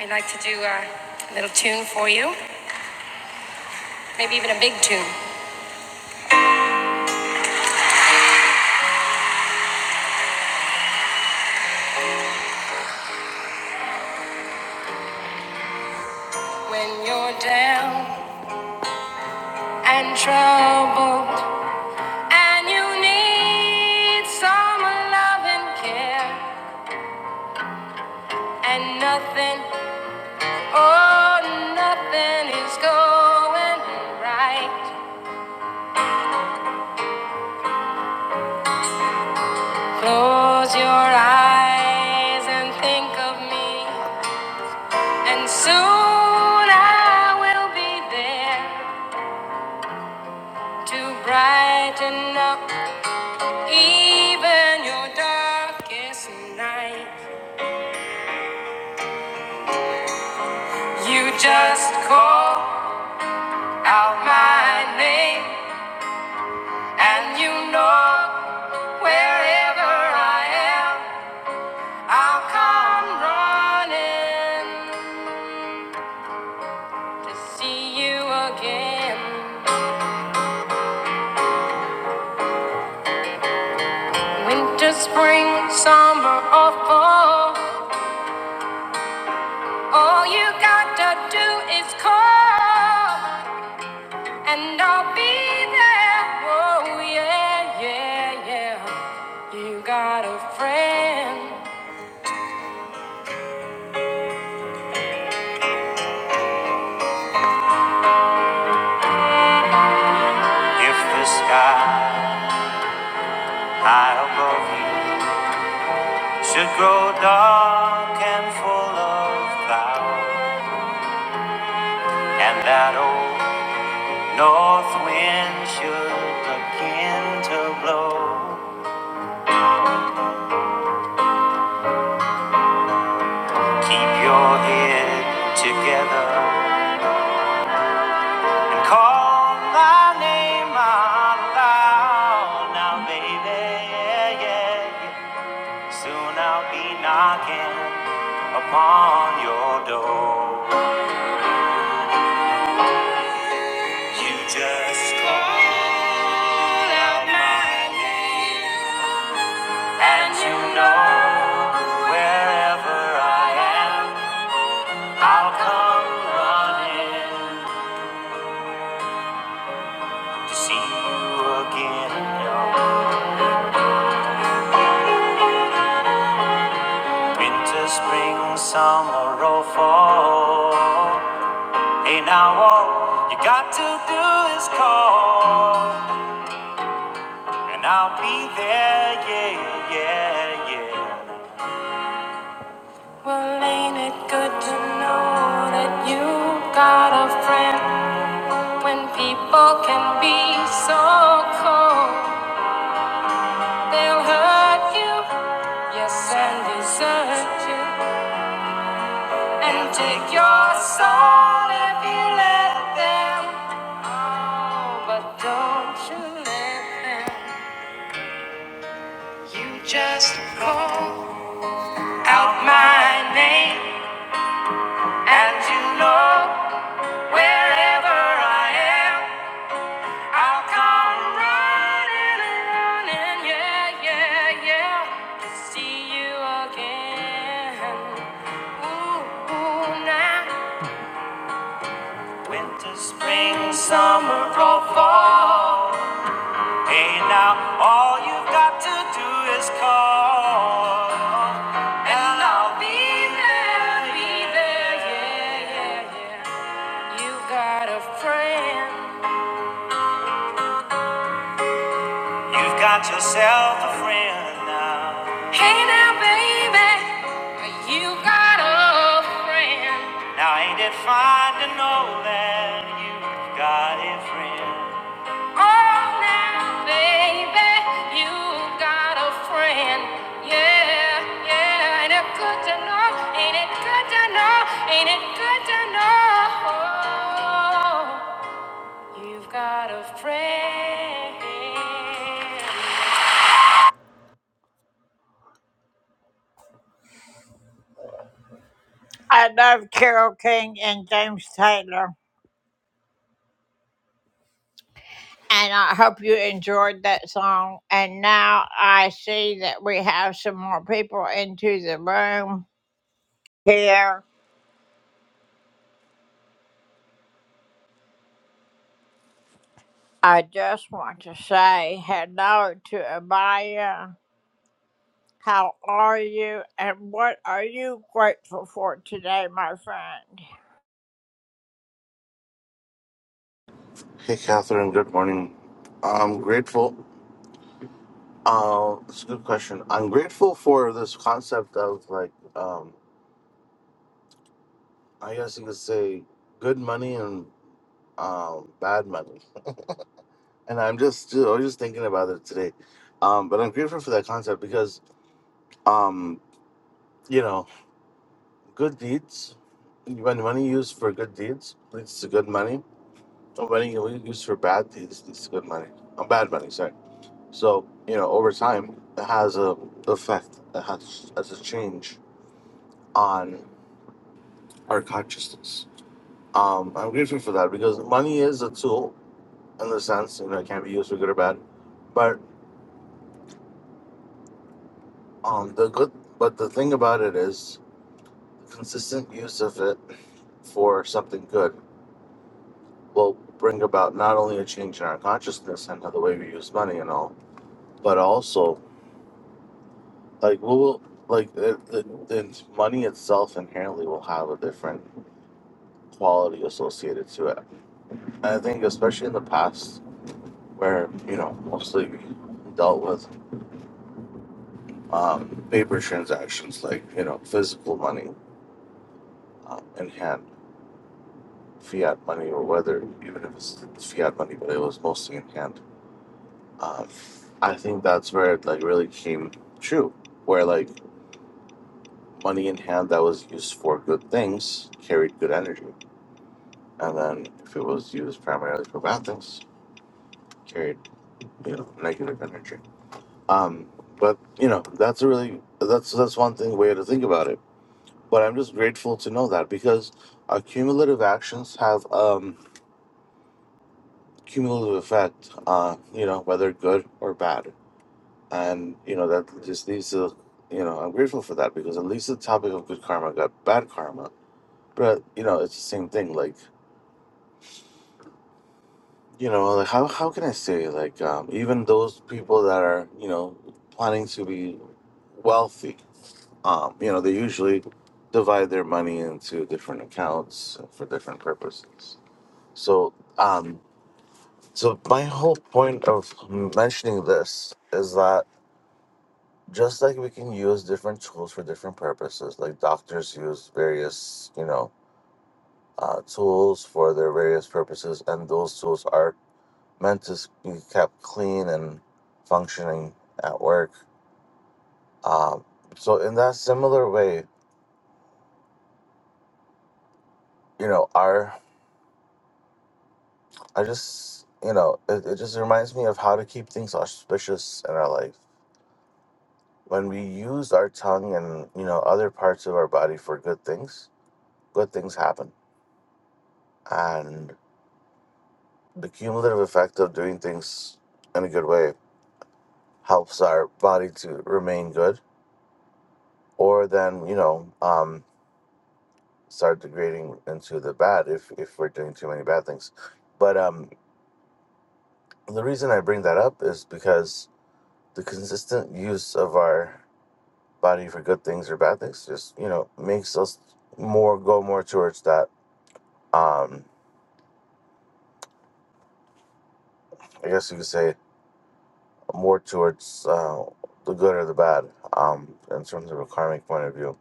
A: I'd like to do uh, a little tune for you, maybe even a big tune. When you're down. and troubled, and you need some love and care, and nothing, oh, nothing is going right. Close your eyes and think of me, and soon I will be there to brighten up even your darkest night. You just call out my name. And you know wherever I'll come running to see you again. Winter, spring, summer, or fall. All you gotta do is call, and I'll be there. Oh, yeah, yeah, yeah. You got a friend. If the sky high above you should grow dark and full of clouds. And that old north wind should begin to blow. Keep your head together and call my name out loud. Now, baby, yeah, yeah. soon I'll be knocking upon your door. You just call out my name, and you know wherever I am. I'll come running to see you again. Winter, spring, summer, or fall. Hey, now all you got to do is call, and I'll be there. Yeah, yeah, yeah. Well, ain't it good to know that you got a friend when people can be so cold? They'll hurt you, yes, and desert you. And take your soul if you let them. Oh, but don't you let them in. Yeah, yeah, yeah. To see you again. Ooh, ooh, now. Winter, spring, summer, fall. Hey, now all you've got to do is call. And I'll be. You got a friend. You've got yourself a friend now. Hey now, baby, you got a friend. Now ain't it fine to know that you've got a friend? Oh, now, baby, you got a friend. Yeah, yeah, ain't it good to know? Ain't it good to know? Ain't it good to know? You've got a friend.
K: Hey, Catherine. Good morning. I'm grateful. Uh, it's a good question. I'm grateful for this concept of like, um, I guess you could say, good money and um, bad money. And I'm just, dude, I was just thinking about it today. Um, but I'm grateful for that concept because, um, you know, good deeds. When money used for good deeds leads to good money, and money used for bad deeds leads to good money. Uh, bad money, sorry. So, you know, over time, it has a effect. It has as a change on our consciousness. Um, I'm grateful for that because money is a tool in the sense, you know, it can be used for good or bad. But um, the good, but the thing about it is, consistent use of it for something good will bring about not only a change in our consciousness and the way we use money and all, but also like we will like the, the, the money itself inherently will have a different quality associated to it. And I think, especially in the past, where you know mostly we dealt with um, paper transactions, like you know physical money um, in hand, fiat money, or whether even if it's fiat money, but it was mostly in hand. Um, I think that's where it like really came true, where like money in hand that was used for good things carried good energy, and then if it was used primarily for bad things, carried you know negative energy. Um, but you know, that's a really that's that's one thing way to think about it. But I'm just grateful to know that because our cumulative actions have um cumulative effect, uh, you know, whether good or bad. And, you know, that just leads to you know, I'm grateful for that because at least the topic of good karma got bad karma. But, you know, it's the same thing. Like, you know, like how how can I say like um even those people that are, you know, planning to be wealthy Um, you know, they usually divide their money into different accounts for different purposes. So, um, so my whole point of mentioning this is that just like we can use different tools for different purposes, like doctors use various, you know, uh, tools for their various purposes, and those tools are meant to be kept clean and functioning at work. Um, so, in that similar way, you know, our I just, you know, it, it just reminds me of how to keep things auspicious in our life. When we use our tongue and, you know, other parts of our body for good things, good things happen. And the cumulative effect of doing things in a good way helps our body to remain good or then, you know, um, start degrading into the bad if, if we're doing too many bad things. But um, the reason I bring that up is because the consistent use of our body for good things or bad things. Just you know, makes us more go more towards that. Um, I guess you could say more towards uh, the good or the bad. Um, in terms of a karmic point of view.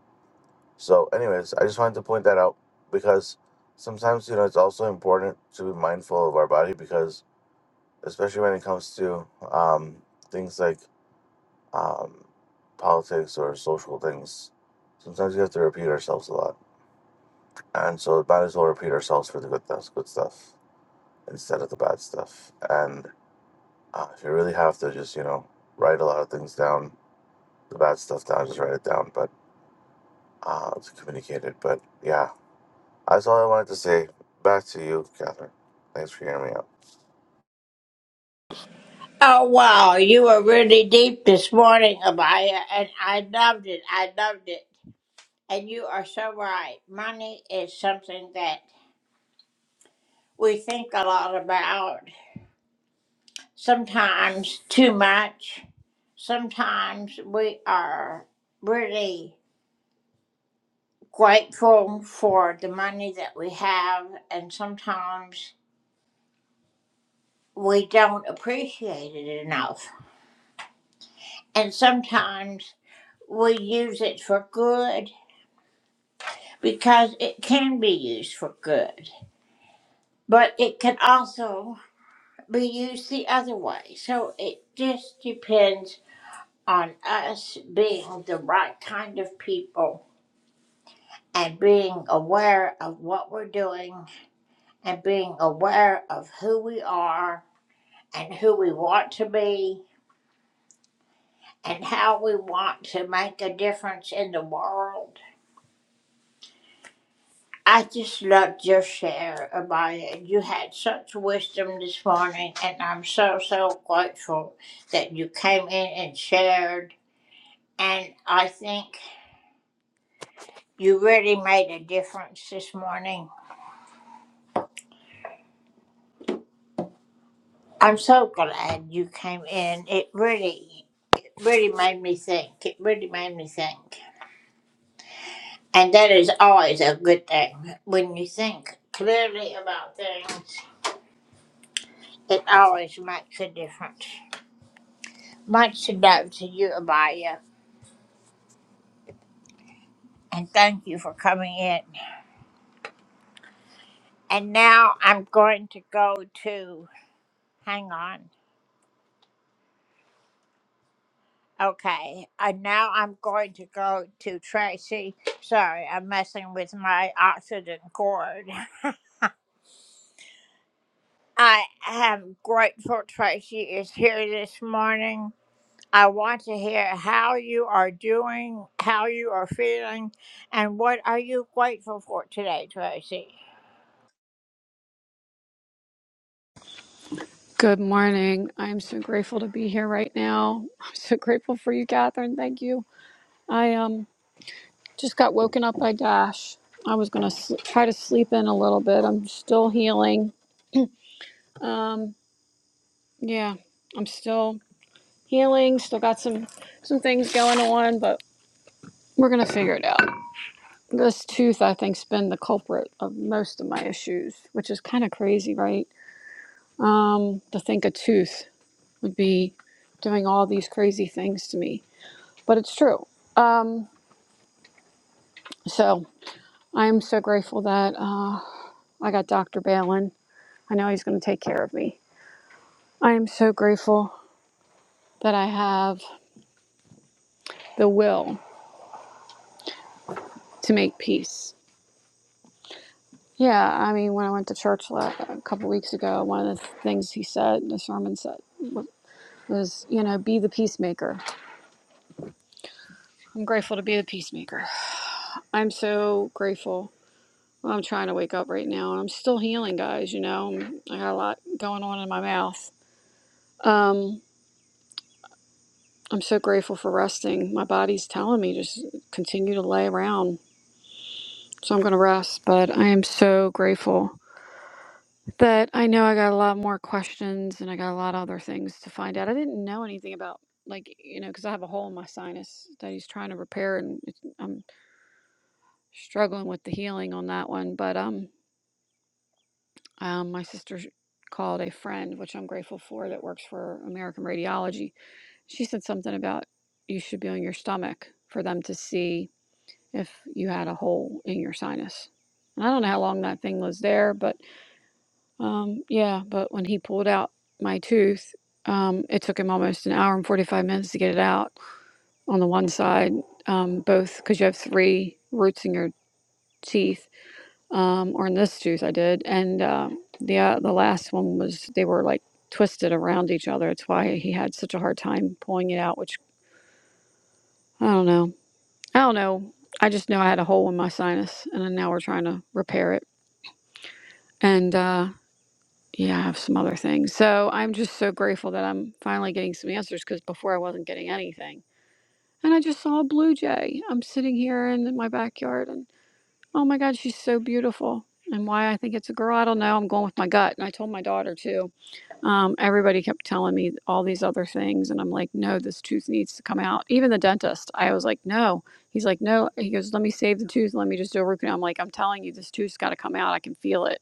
K: So, anyways, I just wanted to point that out because sometimes you know it's also important to be mindful of our body because especially when it comes to um, things like um, politics or social things. Sometimes we have to repeat ourselves a lot, and so might as well repeat ourselves for the good stuff. Good stuff. instead of the bad stuff. And uh, if you really have to, just you know, write a lot of things down, the bad stuff down, just write it down, but uh, to communicate it. But yeah, that's all I wanted to say. Back to you, Catherine. Thanks for hearing me out.
L: Good morning. I'm so grateful to be here right now. I'm so grateful for you, Catherine. Thank you. I um just got woken up by Dash. I was gonna sl- try to sleep in a little bit. I'm still healing. Um, yeah, I'm still healing. Still got some some things going on, but we're gonna figure it out. This tooth, I think, has been the culprit of most of my issues, which is kind of crazy, right? Um, to think a tooth would be doing all these crazy things to me but it's true. Um, so I am so grateful that uh, I got Dr. Balin. I know he's going to take care of me. I am so grateful that I have the will to make peace. Yeah, I mean, when I went to church la- a couple weeks ago, one of the things he said, the sermon said, was, you know, be the peacemaker. I'm grateful to be the peacemaker. I'm so grateful. Well, I'm trying to wake up right now and I'm still healing, guys. You know, I got a lot going on in my mouth. Um, I'm so grateful for resting. My body's telling me just continue to lay around. So I'm going to rest, but I am so grateful that I know I got a lot more questions and I got a lot of other things to find out. I didn't know anything about like, you know, cuz I have a hole in my sinus that he's trying to repair and it's, I'm struggling with the healing on that one, but um um my sister called a friend, which I'm grateful for that works for American Radiology. She said something about you should be on your stomach for them to see if you had a hole in your sinus. And I don't know how long that thing was there, but um, yeah, but when he pulled out my tooth, um, it took him almost an hour and 45 minutes to get it out on the one side, um, both because you have three roots in your teeth, um, or in this tooth I did. And um the, uh, the last one was, they were like twisted around each other. It's why he had such a hard time pulling it out, which I don't know. I don't know. I just know I had a hole in my sinus, and now we're trying to repair it. And uh, yeah, I have some other things. So I'm just so grateful that I'm finally getting some answers because before I wasn't getting anything. And I just saw a blue jay. I'm sitting here in my backyard and oh my God, she's so beautiful. And why I think it's a girl, I don't know. I'm going with my gut. And I told my daughter too. Um, everybody kept telling me all these other things. And I'm like, no, this tooth needs to come out. Even the dentist, I was like, no. He's like, no. He goes, let me save the tooth. Let me just do a root canal. I'm like, I'm telling you, this tooth's got to come out. I can feel it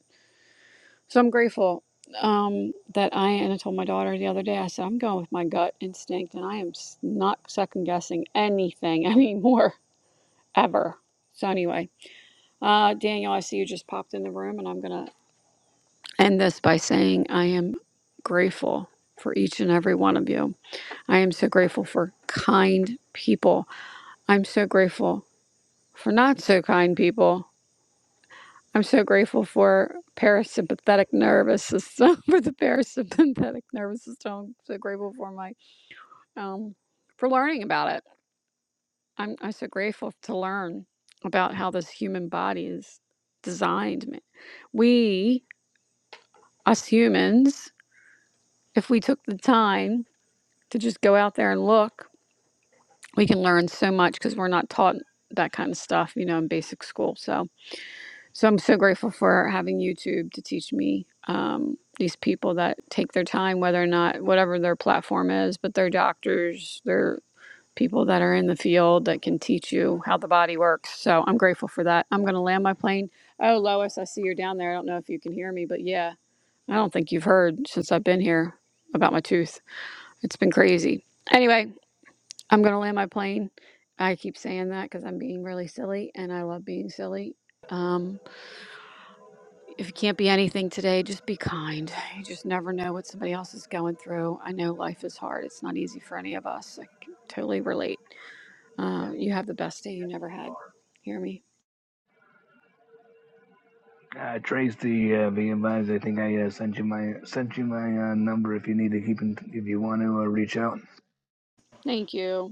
L: so I'm grateful um, that I, and I told my daughter the other day, I said, I'm going with my gut instinct and I am s- not second guessing anything <laughs> anymore, ever. So, anyway, uh, Daniel, I see you just popped in the room and I'm going to end this by saying I am grateful for each and every one of you. I am so grateful for kind people. I'm so grateful for not so kind people. I'm so grateful for parasympathetic nervous system <laughs> for the parasympathetic nervous system. I'm so grateful for my um for learning about it. I'm I'm so grateful to learn about how this human body is designed. man. We us humans, if we took the time to just go out there and look, we can learn so much because we're not taught that kind of stuff, you know, in basic school. So So I'm so grateful for having YouTube to teach me um, these people that take their time, whether or not whatever their platform is, but they're doctors, they're people that are in the field that can teach you how the body works. So I'm grateful for that. I'm going to land my plane. Oh, Lois, I see you're down there. I don't know if you can hear me, but yeah, I don't think you've heard since I've been here about my tooth. It's been crazy. Anyway, I'm going to land my plane. I keep saying that because I'm being really silly and I love being silly. Um, if you can't be anything today, just be kind. You just never know what somebody else is going through. I know life is hard. It's not easy for any of us. I can totally relate. Uh, you have the best day you never had. Hear me?
J: Uh, Trey's the uh, the advisor. I think I uh, sent you my sent you my uh, number if you need to keep in, if you want to uh, reach out.
L: Thank you.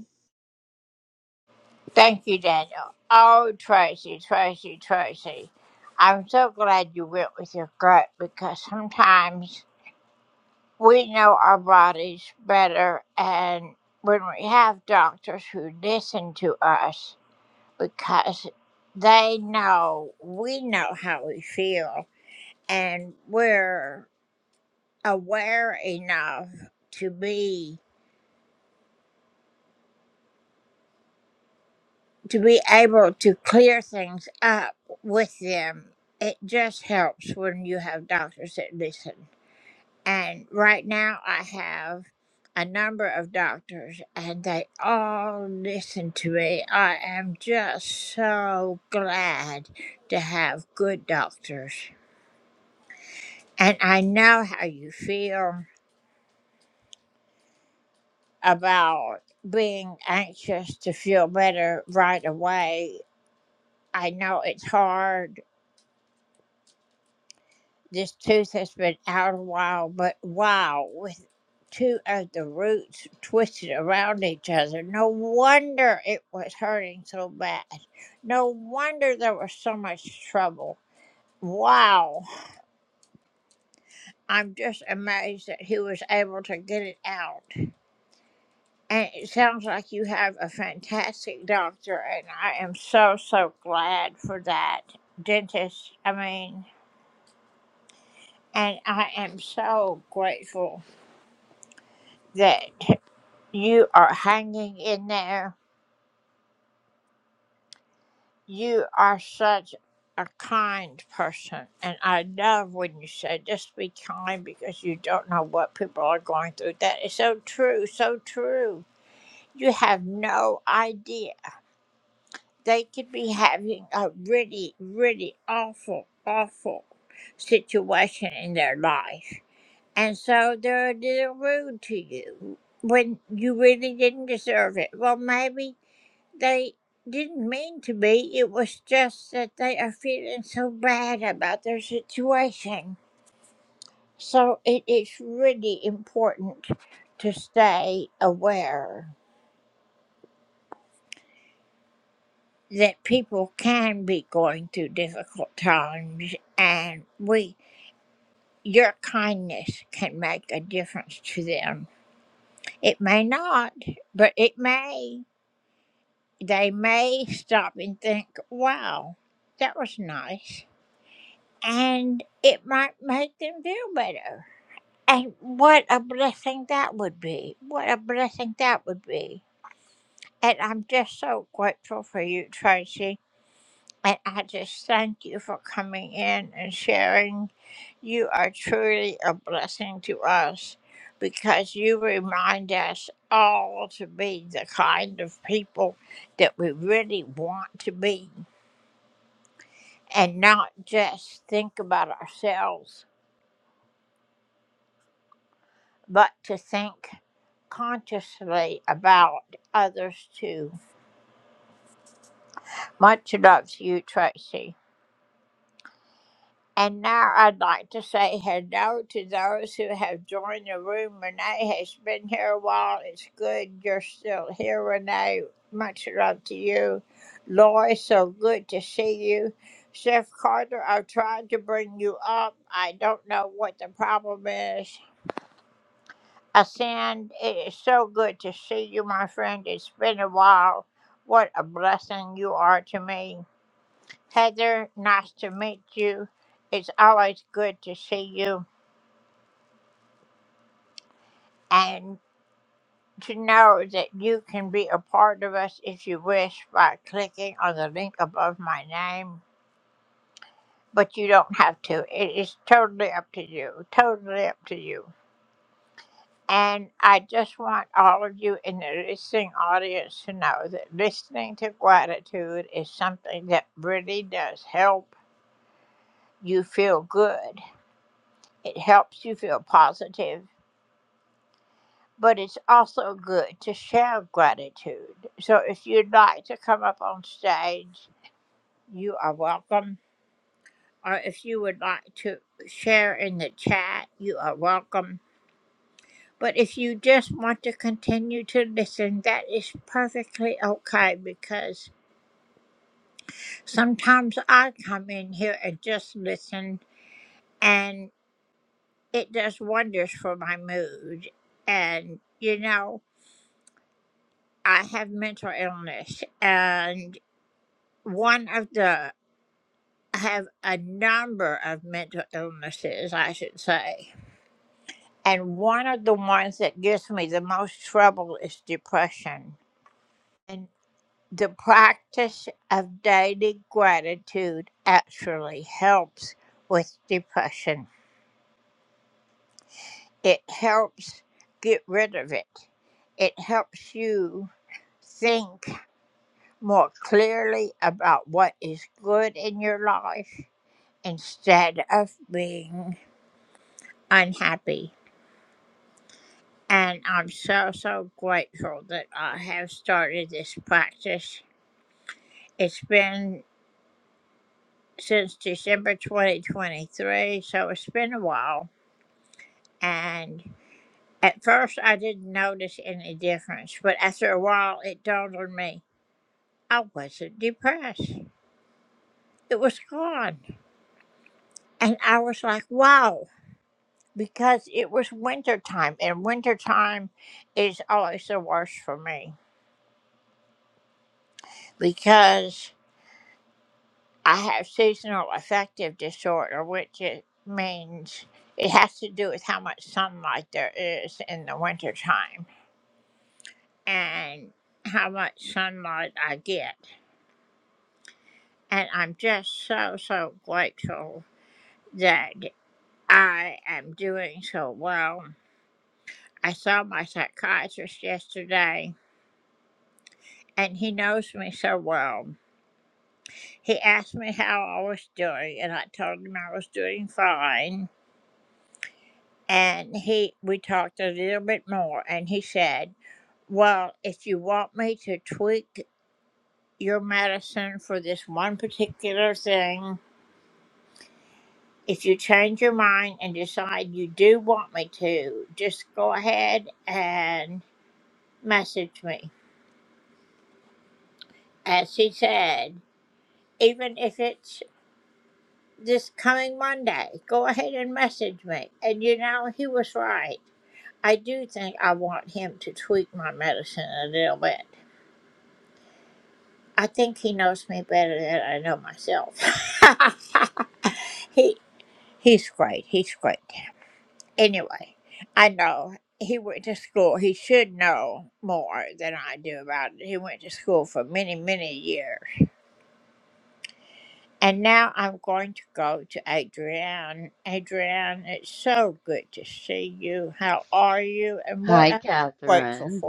M: Hi, Catherine.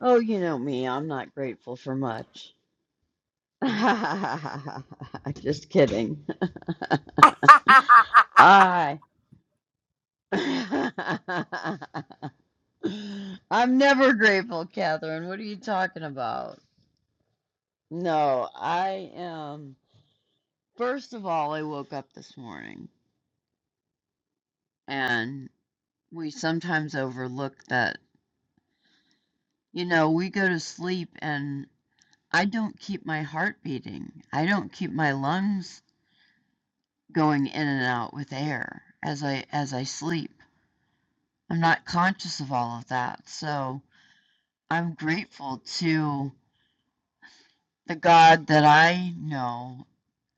M: Oh, you know me, I'm not grateful for much. <laughs> Just kidding. I. <laughs> I'm never grateful, Catherine. What are you talking about? No, I am. First of all, I woke up this morning, and we sometimes overlook that, you know, we go to sleep and I don't keep my heart beating. I don't keep my lungs going in and out with air as I as I sleep. I'm not conscious of all of that. So I'm grateful to the God that I know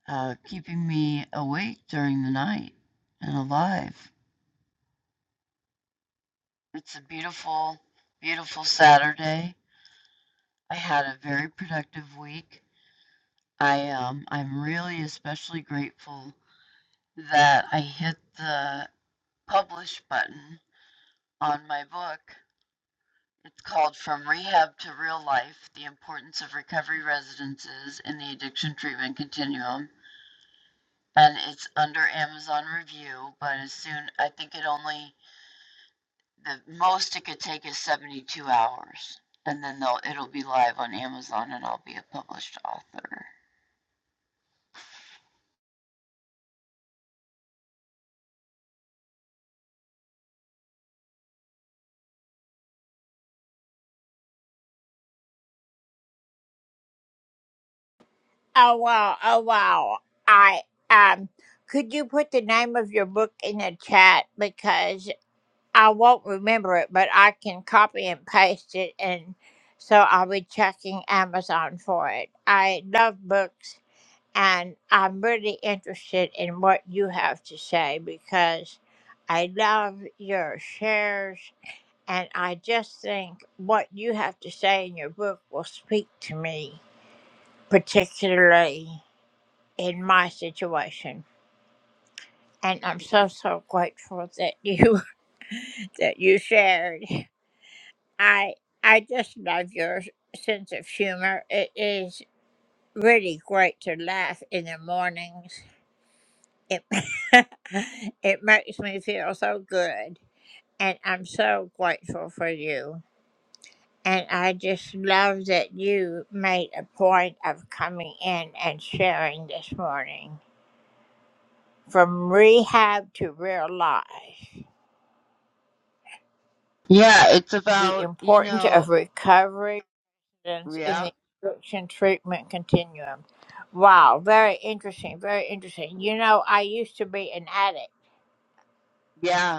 M: uh, keeping me awake during the night and alive. It's a beautiful, beautiful Saturday. I had a very productive week. I um, I'm really especially grateful that I hit the publish button on my book It's called From Rehab to Real Life The Importance of Recovery Residences in the Addiction Treatment Continuum. And it's under Amazon review, but as soon, I think it only, the most it could take is 72 hours. And then they'll, it'll be live on Amazon and I'll be a published author. Yeah, it's about, you know, yeah, yeah.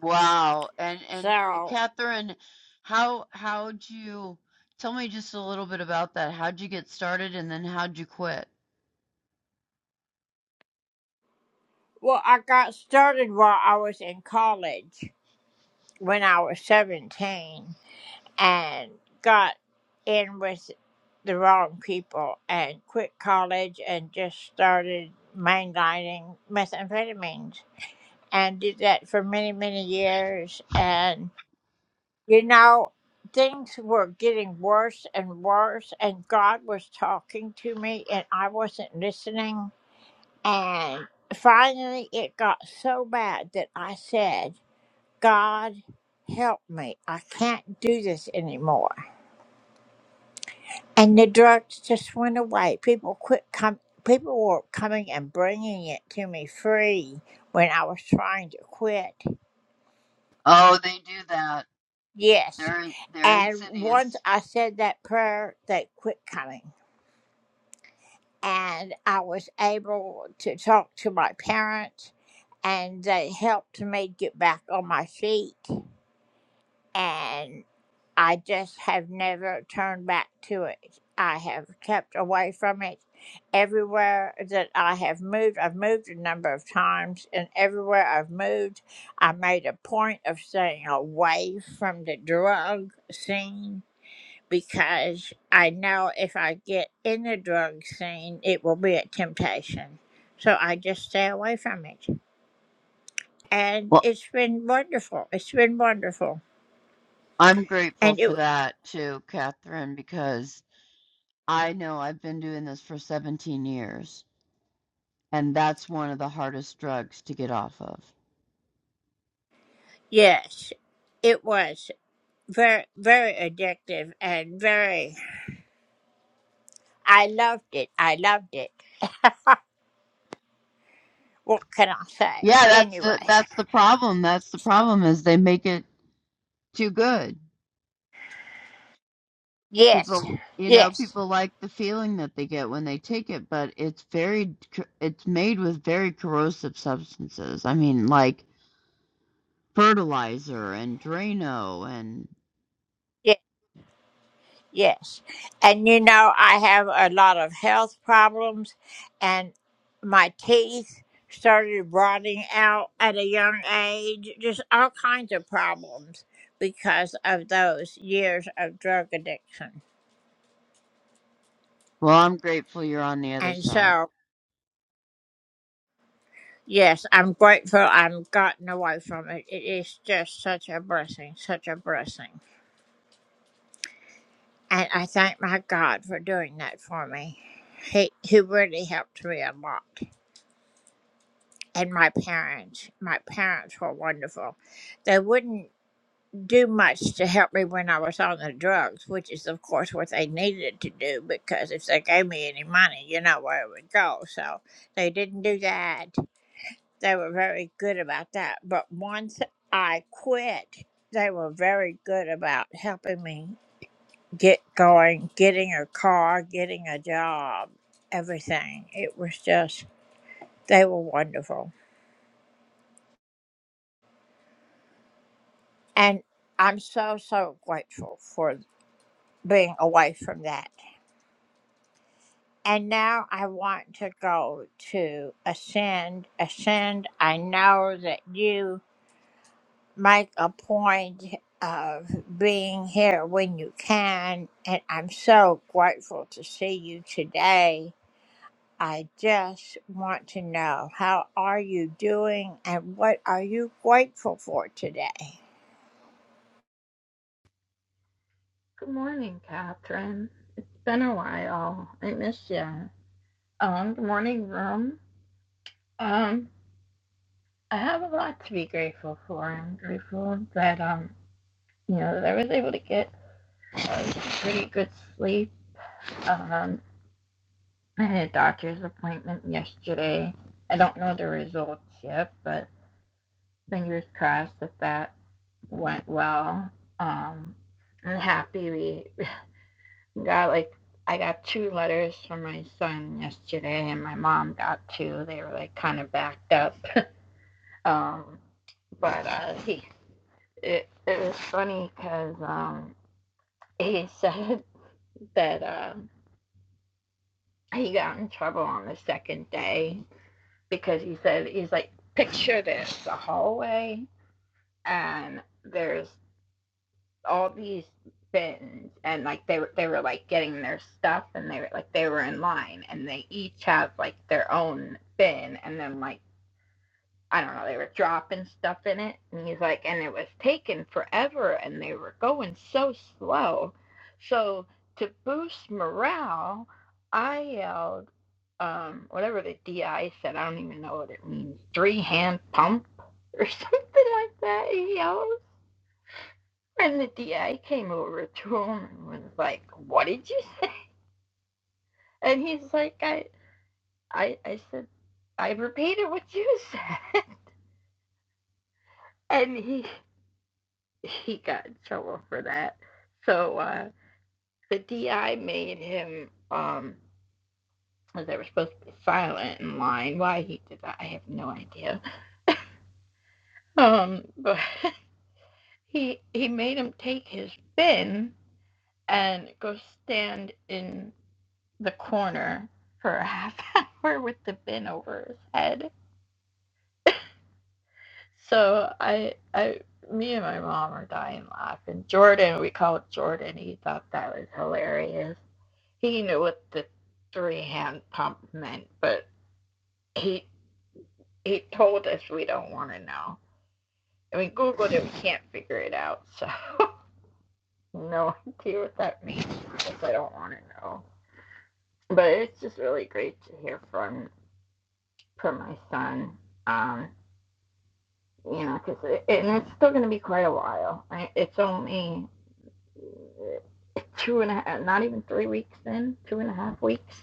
M: Wow. And and Catherine, how how'd you tell me just a little bit about that? How'd you get started and then how'd you quit? Oh, they do that. They're they're insidious. Well, I'm grateful for that too, Catherine, because I know I've been doing this for 17 years, and that's one of the hardest drugs to get off of. Yeah, that's the that's the problem. That's the problem is they make it too good. people you know people like the feeling that they get when they take it but it's very it's made with very corrosive substances i mean like fertilizer and drano and well i'm grateful you're on the other side
N: Good morning, Catherine. It's been a while. I miss you. Um, good morning, room. Um, I have a lot to be grateful for. I'm grateful that um, you know, that I was able to get a pretty good sleep. Um, I had a doctor's appointment yesterday. I don't know the results yet, but fingers crossed that that went well. Um, I'm happy we. got like I got two letters from my son yesterday, and my mom got two. They were like kind of backed up, um, but uh, he it it was funny because um, he <laughs> said that uh, he got in trouble on the second day because he said he's like picture this a hallway and there's all these bins and like they were they were like getting their stuff and they were like they were in line and they each have like their own bin and then like I don't know they were dropping stuff in it and he's like and it was taking forever and they were going so slow so to boost morale I yelled um whatever the DI said I don't even know what it means three hand pump <laughs> or something like that he yelled and the DI came over to him and was like, "What did you say?" <laughs> And he's like, "I, I, I said, I repeated what you said." <laughs> And he he got in trouble for that. So uh, the DI made him. Um, they were supposed to be silent in line. Why he did that, I have no idea. Um, but <laughs> he he made him take his bin and go stand in the corner for a half <laughs> hour with the bin over his head. So I, I, me and my mom are dying laughing. Jordan, we called Jordan. He thought that was hilarious. He knew what the three hand pump meant, but he he told us we don't want to know. I mean, Googled it. We can't figure it out. So <laughs> no idea what that means because I don't want to know. But it's just really great to hear from from my son. Um, you know, because it, and it's still going to be quite a while. I, it's only two and a half, not even three weeks in, two and a half weeks.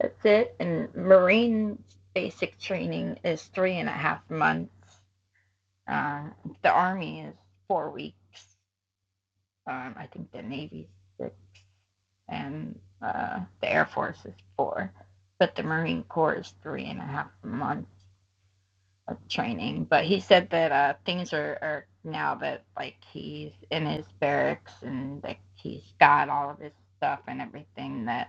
N: That's it. And Marine basic training is three and a half months. Uh, the Army is four weeks. Um, I think the Navy's six, and uh, the Air Force is four. But the Marine Corps is three and a half months training. But he said that uh, things are, are now that like he's in his barracks and like he's got all of his stuff and everything that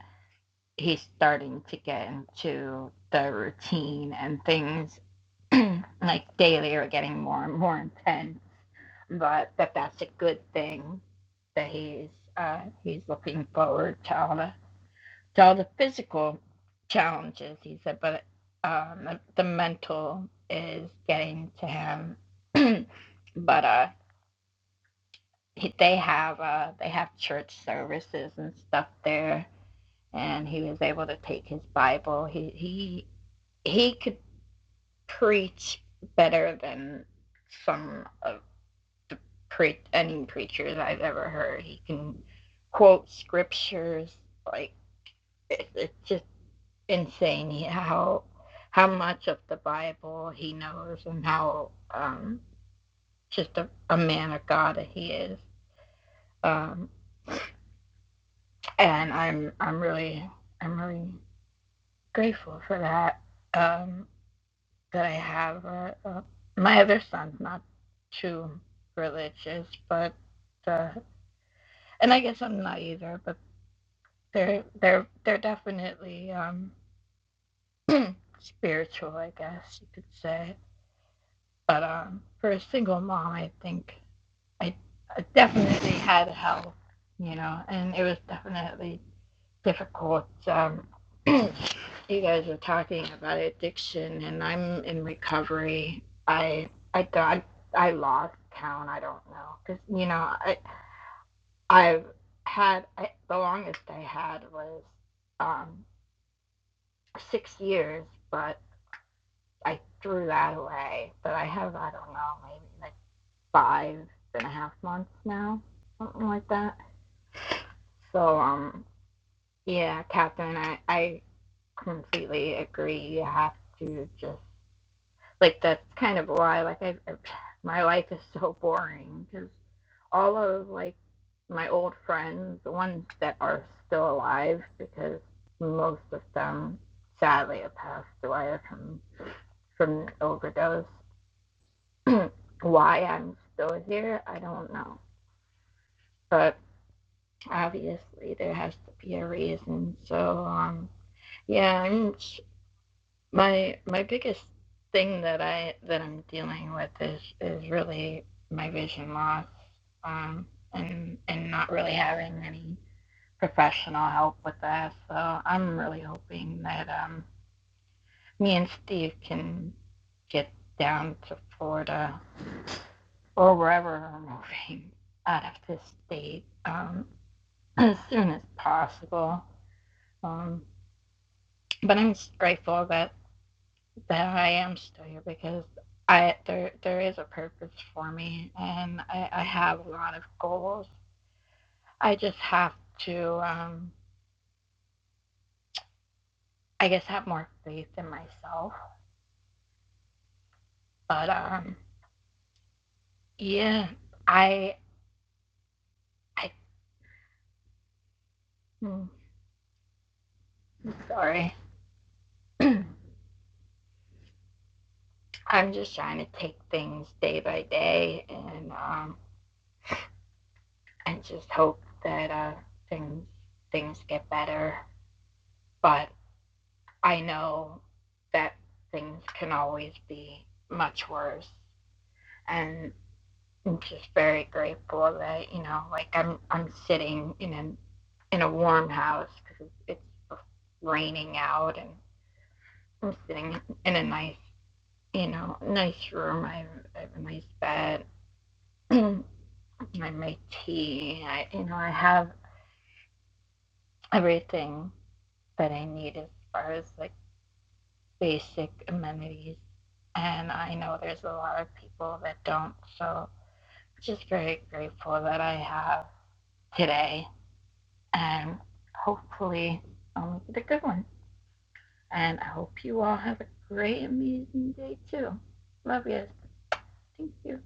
N: he's starting to get into the routine and things <clears throat> like daily are getting more and more intense. But that that's a good thing that he's uh, he's looking forward to all the to all the physical challenges, he said, but um, the mental is getting to him. <clears throat> but uh, he, they have uh, they have church services and stuff there, and he was able to take his Bible. He he he could preach better than some of pre- any preachers I've ever heard. He can quote scriptures like it's just insane how how much of the Bible he knows and how um, just a, a man of God that he is. Um, and I'm I'm really I'm really grateful for that. Um, that I have a, a, my other son's not too religious, but uh, and I guess I'm not either. But they're they're they're definitely um, <clears throat> spiritual, I guess you could say. But um, for a single mom, I think I, I definitely had help, you know, and it was definitely difficult. Um, <clears throat> you guys were talking about addiction, and I'm in recovery. I I do I lost count. I don't know because you know I I've had I, the longest I had was um, six years, but I threw that away. But I have I don't know maybe like five and a half months now, something like that. So, um, yeah, Catherine, I, I completely agree. You have to just, like, that's kind of why, like, I, I my life is so boring because all of, like, my old friends, the ones that are still alive, because most of them sadly have passed away from from overdose. <clears throat> why I'm still here, I don't know. But obviously there has to be a reason. So um, yeah, I'm my my biggest thing that I that I'm dealing with is is really my vision loss, um, and and not really having any professional help with that. So I'm really hoping that um, me and Steve can get down to Florida or wherever we're <laughs> moving out of this state um, <clears throat> as soon as possible Um, but I'm grateful that that I am still here because I there there is a purpose for me, and I, I have a lot of goals. I just have to, um, I guess, have more faith in myself. But um, yeah, I I mm, sorry, I'm just trying to take things day by day, and um, and just hope that uh, things things get better. But I know that things can always be much worse. And I'm just very grateful that, you know, like I'm I'm sitting in a in a warm house because it's raining out and I'm sitting in a nice, you know, nice room. I have, I have a nice bed. <clears throat> I make tea. I, you know, I have everything that I need as far as like basic amenities. And I know there's a lot of people that don't. So just very grateful that I have today. And hopefully I'll make it a good one. And I hope you all have a great, amazing day too. Love you. Thank you.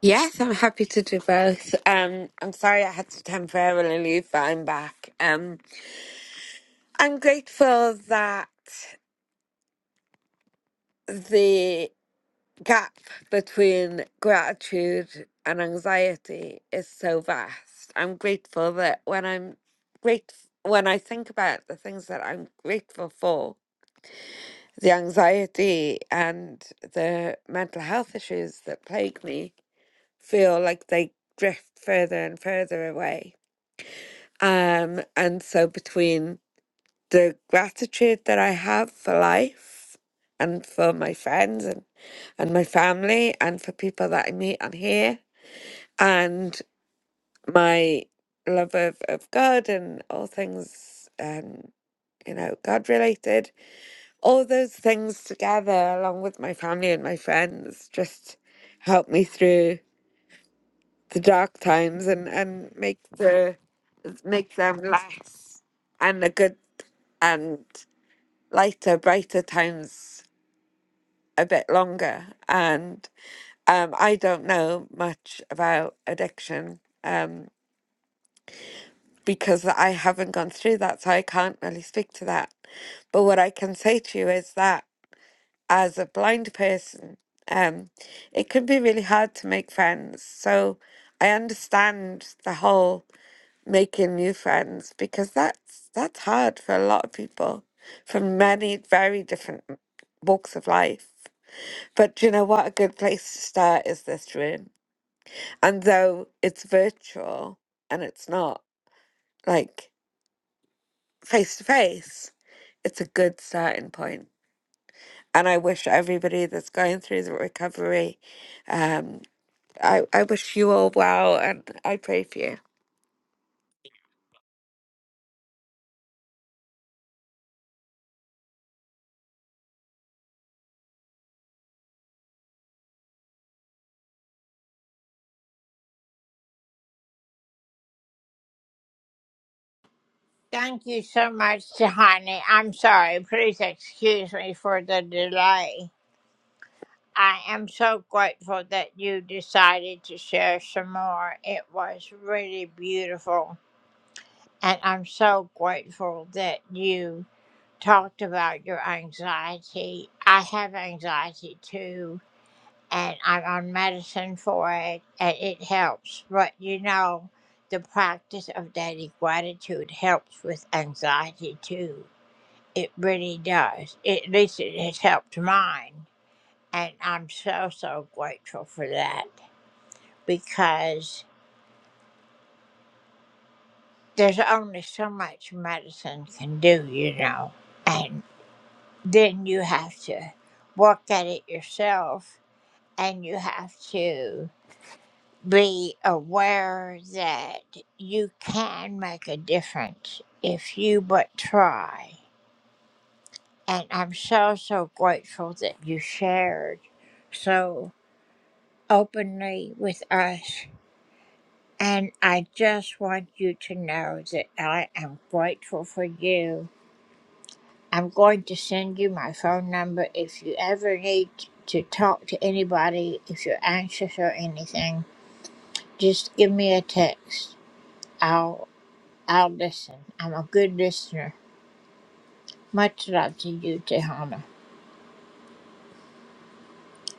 E: Yes, I'm happy to do both. Um, I'm sorry I had to temporarily leave, but I'm back. Um, I'm grateful that the gap between gratitude and anxiety is so vast. I'm grateful that when I'm great, when I think about the things that I'm grateful for, the anxiety and the mental health issues that plague me feel like they drift further and further away Um, and so between the gratitude that I have for life and for my friends and, and my family and for people that I meet on here and my love of, of God and all things um, you know, God related, all those things together along with my family and my friends just help me through the dark times and and make the make them less and the good and lighter brighter times a bit longer and um i don't know much about addiction um because i haven't gone through that so i can't really speak to that but what i can say to you is that as a blind person um it can be really hard to make friends so i understand the whole making new friends because that's that's hard for a lot of people from many very different walks of life. But do you know what? A good place to start is this room. And though it's virtual and it's not like face to face, it's a good starting point. And I wish everybody that's going through the recovery, um, I, I wish you all well and I pray for you.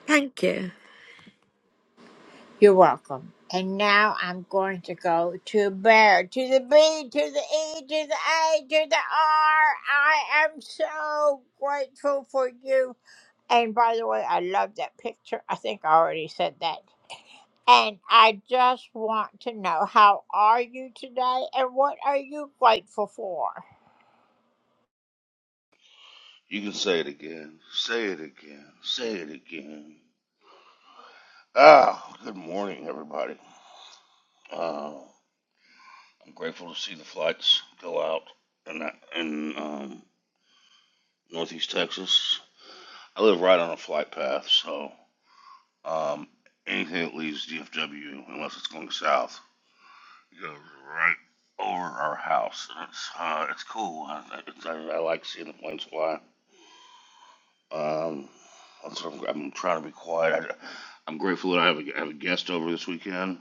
E: Thank you.
O: You can say it again. Say it again. Say it again. Ah, good morning, everybody. Uh, I'm grateful to see the flights go out in, that, in um, Northeast Texas. I live right on a flight path, so um, anything that leaves DFW, unless it's going south, goes right over our house. And it's uh, it's cool. I, I, I like seeing the planes fly. Um, that's what I'm, sort of, I'm trying to be quiet. I, I'm grateful that I have a, I have a guest over this weekend.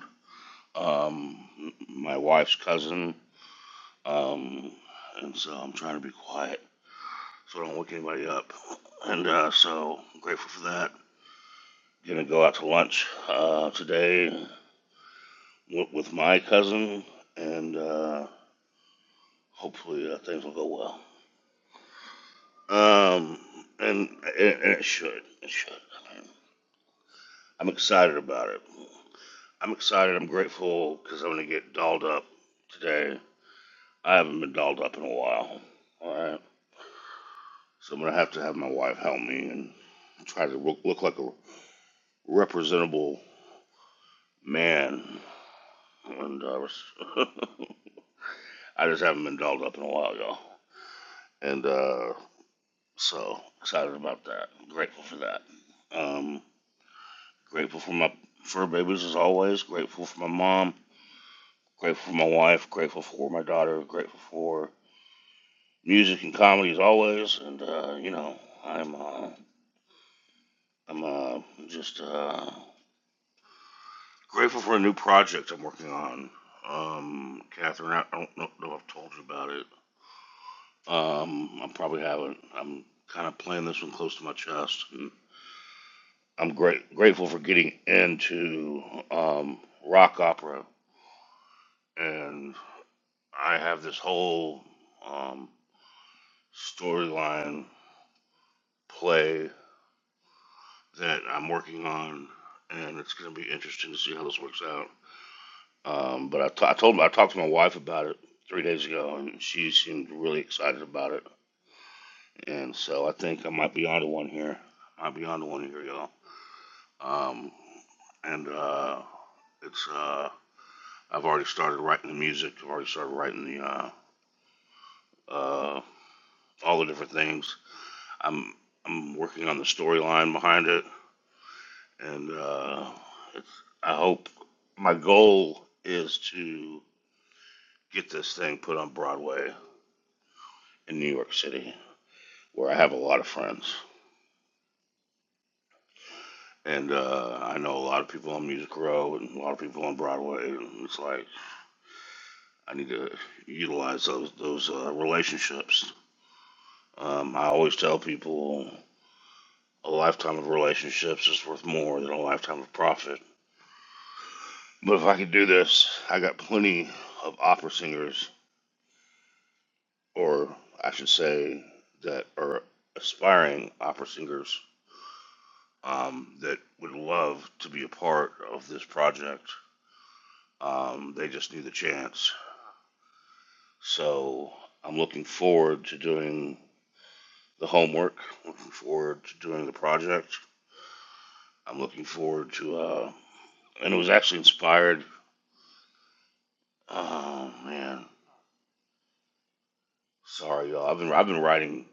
O: Um, my wife's cousin. Um, and so I'm trying to be quiet so I don't wake anybody up. And uh, so I'm grateful for that. Gonna go out to lunch uh, today with, my cousin, and uh, hopefully uh, things will go well. Um, and, and, and it should. It should. I mean, I'm excited about it. I'm excited. I'm grateful because I'm gonna get dolled up today. I haven't been dolled up in a while. All right, so I'm gonna have to have my wife help me and try to look, look like a representable man. And uh, <laughs> I just haven't been dolled up in a while, y'all. And uh, so excited about that. Grateful for that. Um, grateful for my fur babies as always. Grateful for my mom. Grateful for my wife. Grateful for my daughter. Grateful for music and comedy as always. And uh, you know, I'm uh, I'm uh, just uh, grateful for a new project I'm working on. Um, Catherine, I don't know if I've told you about it. Um, I probably haven't. I'm kind of playing this one close to my chest. And I'm great grateful for getting into um, rock opera, and I have this whole um, storyline play that I'm working on, and it's going to be interesting to see how this works out. Um, but I, t- I told I talked to my wife about it three days ago, and she seemed really excited about it. And so I think I might be onto one here. Might be onto one here, y'all. Um, and uh, it's uh, I've already started writing the music. I've already started writing the uh, uh, all the different things. I'm I'm working on the storyline behind it. and uh, it's, I hope my goal is to get this thing put on Broadway in New York City, where I have a lot of friends, and uh, I know a lot of people on Music Row and a lot of people on Broadway, and it's like I need to utilize those those uh, relationships. Um, I always tell people a lifetime of relationships is worth more than a lifetime of profit. But if I could do this, I got plenty of opera singers or I should say, that are aspiring opera singers um, that would love to be a part of this project. Um, they just need the chance. So I'm looking forward to doing the homework, looking forward to doing the project. I'm looking forward to, uh, and it was actually inspired. Oh man, sorry y'all. I've been I've been writing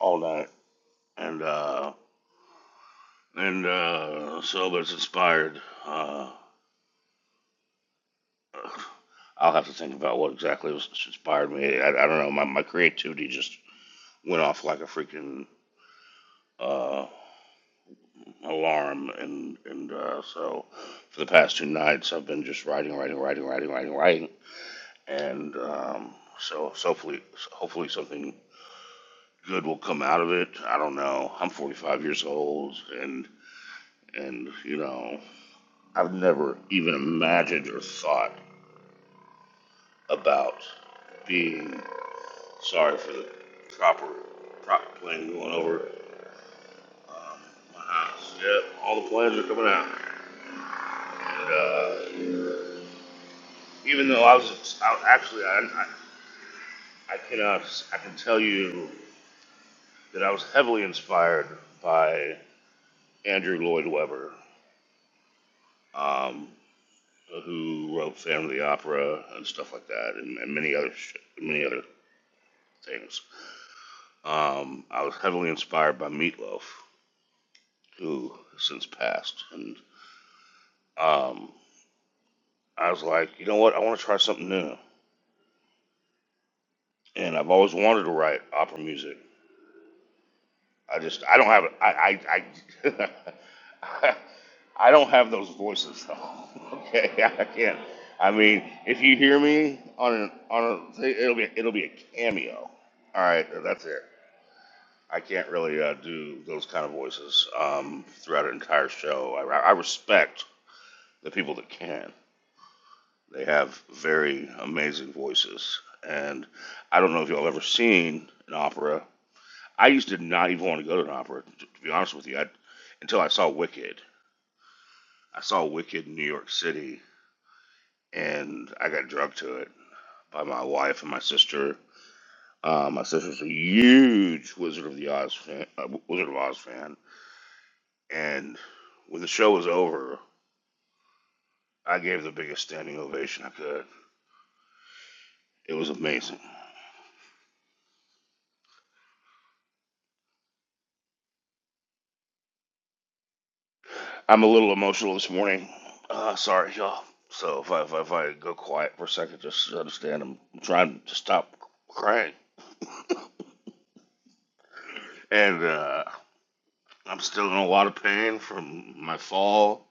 O: all night, and uh, and uh, so but it's inspired. Uh, I'll have to think about what exactly was inspired me. I, I don't know. My, my creativity just went off like a freaking uh, alarm, and and uh, so for the past two nights, I've been just writing, writing, writing, writing, writing, writing, and um, so so hopefully hopefully something good will come out of it. I don't know. I'm 45 years old, and and you know, I've never even imagined or thought about being Sorry for the proper proper plane going over um, my house. Yep, all the planes are coming out. And, uh, even though I was I, actually I, I I cannot I can tell you that I was heavily inspired by Andrew Lloyd Webber, um, who wrote Phantom of the Opera and stuff like that, and, and many other sh- many other things. Um, I was heavily inspired by Meatloaf, who has since passed, and um, I was like, you know what? I want to try something new. And I've always wanted to write opera music. I just, I don't have, it. I, I, I, <laughs> I don't have those voices though. <laughs> okay, I can't. I mean, if you hear me on an on a, thing, it'll be it'll be a cameo. All right, that's it. I can't really uh, do those kind of voices um, throughout an entire show. I, I respect the people that can, They have very amazing voices. And I don't know if y'all ever seen an opera. I used to not even want to go to an opera, to be honest with you, I, until I saw Wicked. I saw Wicked in New York City, and I got drugged to it by my wife and my sister. Uh, my sister's a huge Wizard of the Oz fan, uh, Wizard of Oz fan, and when the show was over, I gave the biggest standing ovation I could. It was amazing. I'm a little emotional this morning. Uh, sorry, y'all. So if I, if I if I go quiet for a second, just understand I'm trying to stop crying, and uh, I'm still in a lot of pain from my fall.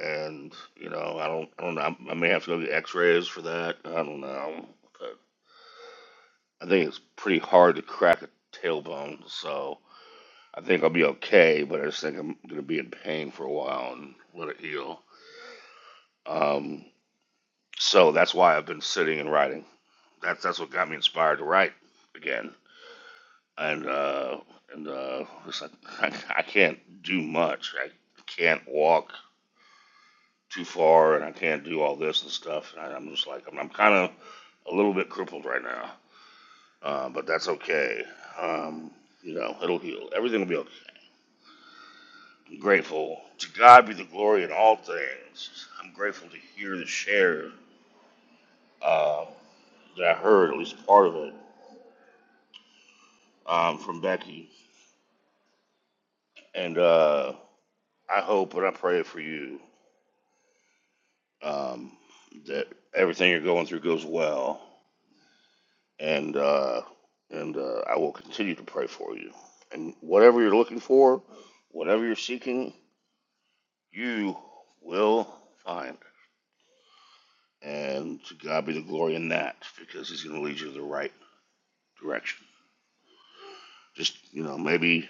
O: And you know, I don't I don't know. I may have to go get X-rays for that. I don't know, but I think it's pretty hard to crack a tailbone. So I think I'll be okay, but I just think I'm gonna be in pain for a while and let it heal. Um, so that's why I've been sitting and writing. that's that's what got me inspired to write again. And uh, and uh, it's like, I, I can't do much. I can't walk too far, and I can't do all this and stuff. And I, I'm just like I'm, I'm kind of a little bit crippled right now, uh, but that's okay. Um, you know, it'll heal. Everything will be okay. I'm grateful to God be the glory in all things. I'm grateful to hear the share uh, that I heard, at least part of it, um, from Becky. And uh, I hope and I pray for you um, that everything you're going through goes well, and uh, and uh, I will continue to pray for you. And whatever you're looking for, whatever you're seeking, you will find. And to God be the glory in that, because He's going to lead you in the right direction. Just you know, maybe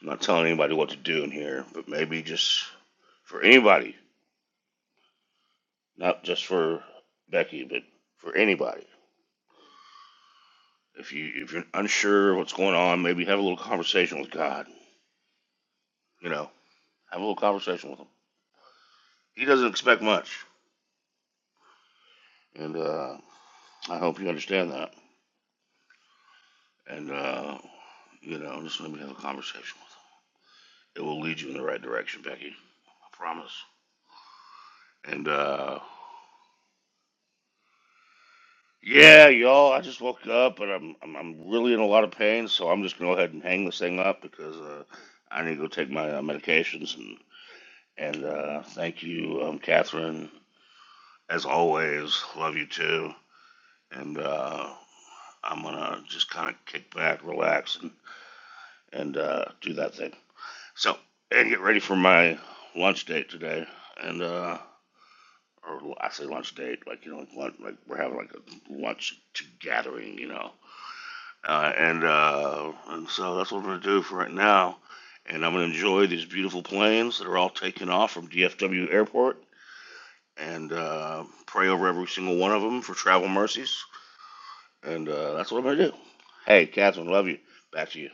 O: I'm not telling anybody what to do in here, but maybe just for anybody, not just for Becky, but for anybody If you if you're unsure what's going on, maybe have a little conversation with God. You know, have a little conversation with Him. He doesn't expect much, and uh, I hope you understand that. And uh, you know, just maybe have a conversation with Him. It will lead you in the right direction, Becky. I promise. And uh, yeah, y'all, I just woke up and I'm, I'm I'm really in a lot of pain, so I'm just gonna go ahead and hang this thing up because uh, I need to go take my uh, medications and and uh, thank you, um, Catherine. As always, love you too. and uh, I'm gonna just kind of kick back, relax, and and uh, do that thing. So and get ready for my lunch date today, and uh, or I say lunch date, like you know, like, lunch, like we're having like a lunch gathering, you know, uh, and uh, and so that's what I'm gonna do for right now, and I'm gonna enjoy these beautiful planes that are all taking off from DFW Airport, and uh, pray over every single one of them for travel mercies and uh, that's what I'm gonna do. Hey, Catherine, love you. Back to you.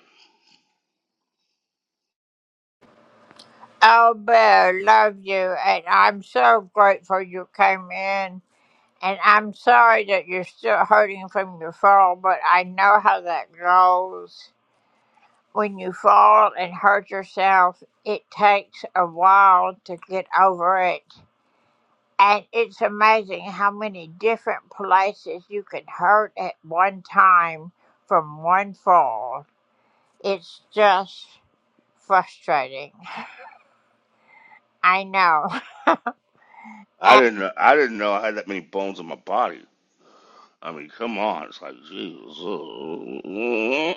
O: I didn't know. I didn't know I had that many bones in my body. I mean, come on. It's like Jesus.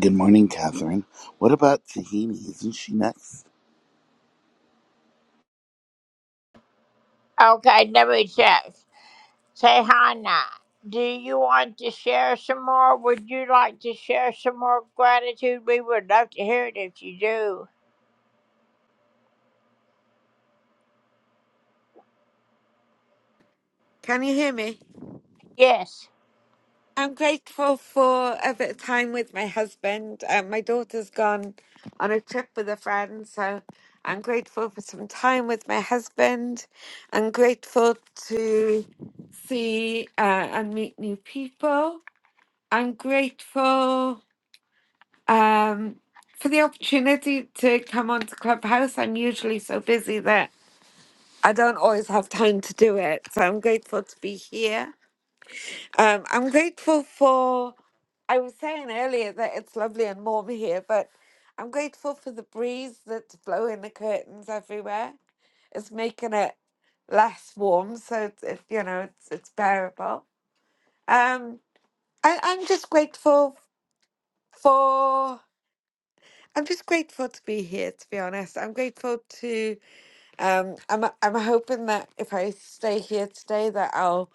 P: Good morning, Catherine. What about Tahini? Isn't she next?
E: Can you hear me? I'm grateful for a bit of time with my husband. Um, my daughter's gone on a trip with a friend, so I'm grateful for some time with my husband. I'm grateful to see uh, and meet new people. I'm grateful um, for the opportunity to come onto Clubhouse. I'm usually so busy that I don't always have time to do it, so I'm grateful to be here. Um, I'm grateful for, I was saying earlier that it's lovely and warm here, but I'm grateful for the breeze that's blowing the curtains everywhere. It's making it less warm, so it's, it, you know, it's, it's bearable. Um, I, I'm just grateful for, I'm just grateful to be here, to be honest. I'm grateful to, um, I'm, I'm hoping that if I stay here today that I'll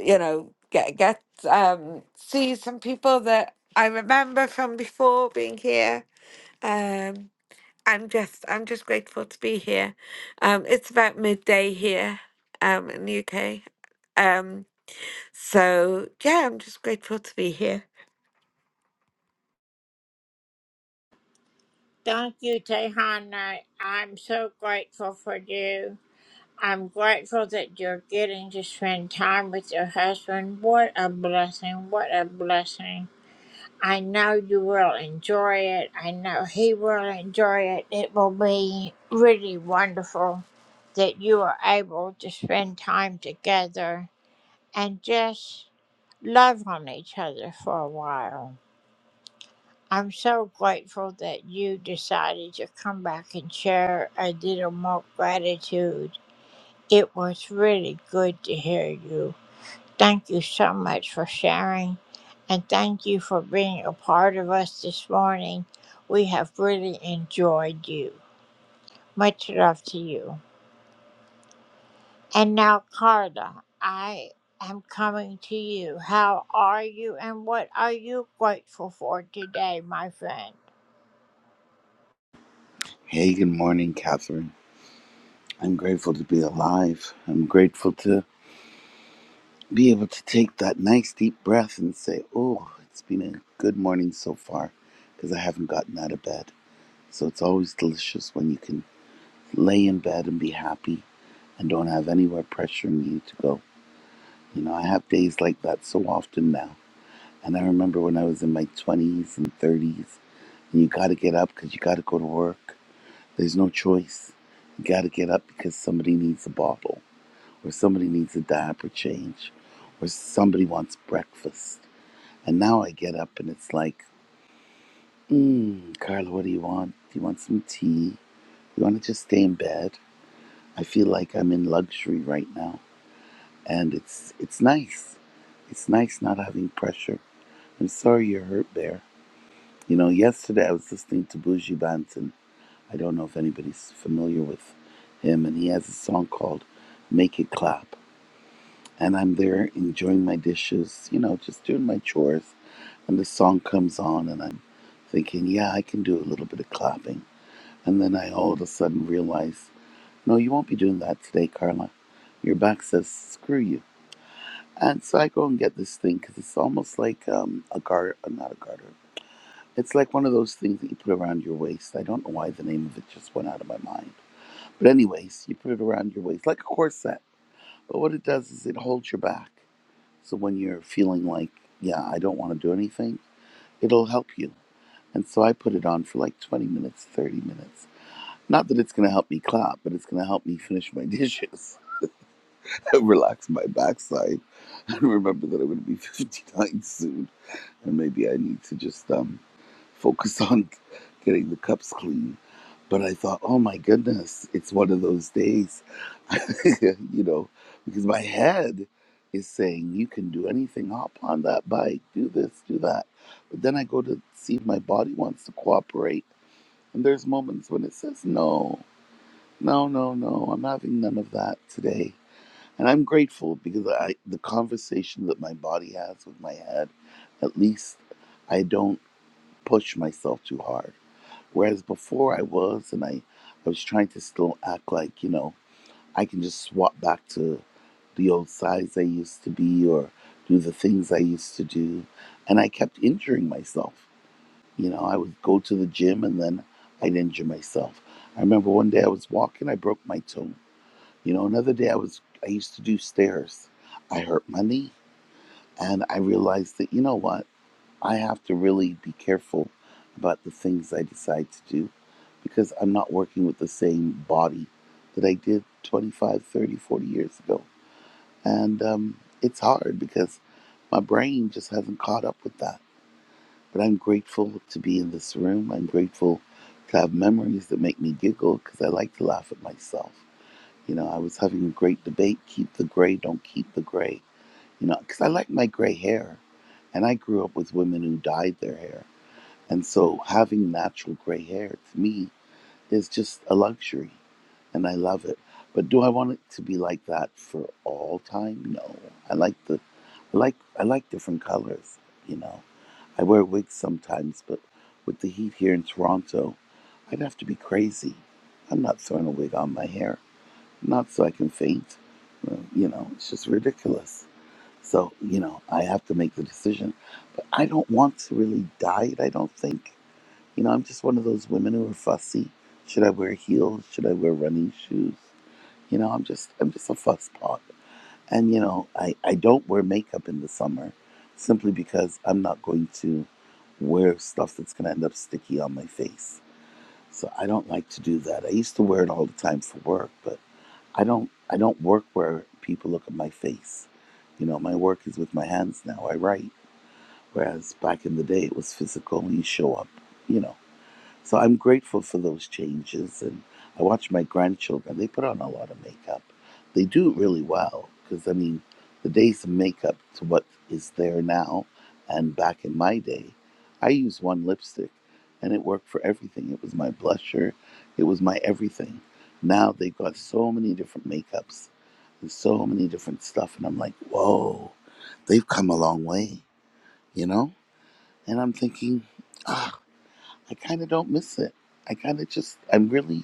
E: you know, get get um see some people that I remember from before being here. Um I'm just I'm just grateful to be here. Um it's about midday here um in the UK. Um so yeah, I'm just grateful to be here.
P: Hey, good morning, Catherine. I'm grateful to be alive. I'm grateful to be able to take that nice deep breath and say, oh, it's been a good morning so far because I haven't gotten out of bed. So it's always delicious when you can lay in bed and be happy and don't have anywhere pressuring you to go. You know, I have days like that so often now. And I remember when I was in my 20s and 30s, and you got to get up because you got to go to work There's no choice. You got to get up because somebody needs a bottle, or somebody needs a diaper change, or somebody wants breakfast. And now I get up and it's like, mm, Carla, what do you want? Do you want some tea? You want to just stay in bed? I feel like I'm in luxury right now, and it's it's nice. It's nice not having pressure. I'm sorry you're hurt, Bear. You know, yesterday I was listening to Bougie Banton I don't know if anybody's familiar with him, and he has a song called Make It Clap. And I'm there enjoying my dishes, you know, just doing my chores. And the song comes on, and I'm thinking, yeah, I can do a little bit of clapping. And then I all of a sudden realize, no, you won't be doing that today, Carla. Your back says, screw you. And so I go and get this thing because it's almost like um, a garter, uh, not a garter. It's like one of those things that you put around your waist. I don't know why the name of it just went out of my mind But anyways, you put it around your waist like a corset. But what it does is it holds your back. So when you're feeling like, yeah, I don't want to do anything, it'll help you. And so I put it on for like 20 minutes, 30 minutes. Not that it's going to help me clap, but it's going to help me finish my dishes, <laughs> relax my backside, and remember that I'm going to be <laughs> 59 soon. And maybe I need to just um, focus on getting the cups clean. But I thought, oh my goodness, it's one of those days, <laughs> you know, because my head is saying, you can do anything, hop on that bike, do this, do that. But then I go to see if my body wants to cooperate. And there's moments when it says, no, no, no, no, I'm having none of that today. And I'm grateful because I, the conversation that my body has with my head, at least I don't push myself too hard. Whereas before I was, and I, I was trying to still act like, you know, I can just swap back to the old size I used to be or do the things I used to do. And I kept injuring myself. You know, I would go to the gym and then I'd injure myself. I remember one day I was walking, I broke my toe. You know, another day I was, I used to do stairs. I hurt my knee. And I realized that, you know what? I have to really be careful about the things I decide to do because I'm not working with the same body that I did 25, 30, 40 years ago. And um, it's hard because my brain just hasn't caught up with that. But I'm grateful to be in this room. I'm grateful to have memories that make me giggle because I like to laugh at myself. You know, I was having a great debate keep the gray, don't keep the gray. You know, because I like my gray hair. And I grew up with women who dyed their hair and so having natural gray hair to me is just a luxury and I love it. But do I want it to be like that for all time? No. I like the I like I like different colors, you know. I wear wigs sometimes, but with the heat here in Toronto, I'd have to be crazy. I'm not throwing a wig on my hair. Not so I can faint. Uh, You know, it's just ridiculous. So, you know, I have to make the decision. I don't want to really dye it, I don't think. You know, I'm just one of those women who are fussy. Should I wear heels? Should I wear running shoes? You know, I'm just I'm just a fusspot. And you know, I, I don't wear makeup in the summer simply because I'm not going to wear stuff that's gonna end up sticky on my face. So I don't like to do that. I used to wear it all the time for work, but I don't I don't work where people look at my face. You know, my work is with my hands now. I write. Whereas back in the day it was physical and you show up, you know. So I'm grateful for those changes. And I watch my grandchildren, they put on a lot of makeup. They do it really well because, I mean, the days of makeup to what is there now and back in my day, I used one lipstick and it worked for everything. It was my blusher, it was my everything. Now they have got so many different makeups and so many different stuff. And I'm like, whoa, they've come a long way, you know? And I'm thinking, ah. I kind of don't miss it. I kind of just, I'm really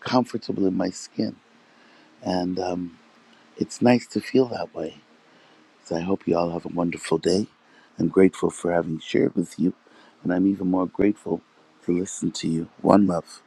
P: comfortable in my skin. And um, it's nice to feel that way. So I hope you all have a wonderful day. I'm grateful for having shared with you. And I'm even more grateful to listen to you. One love.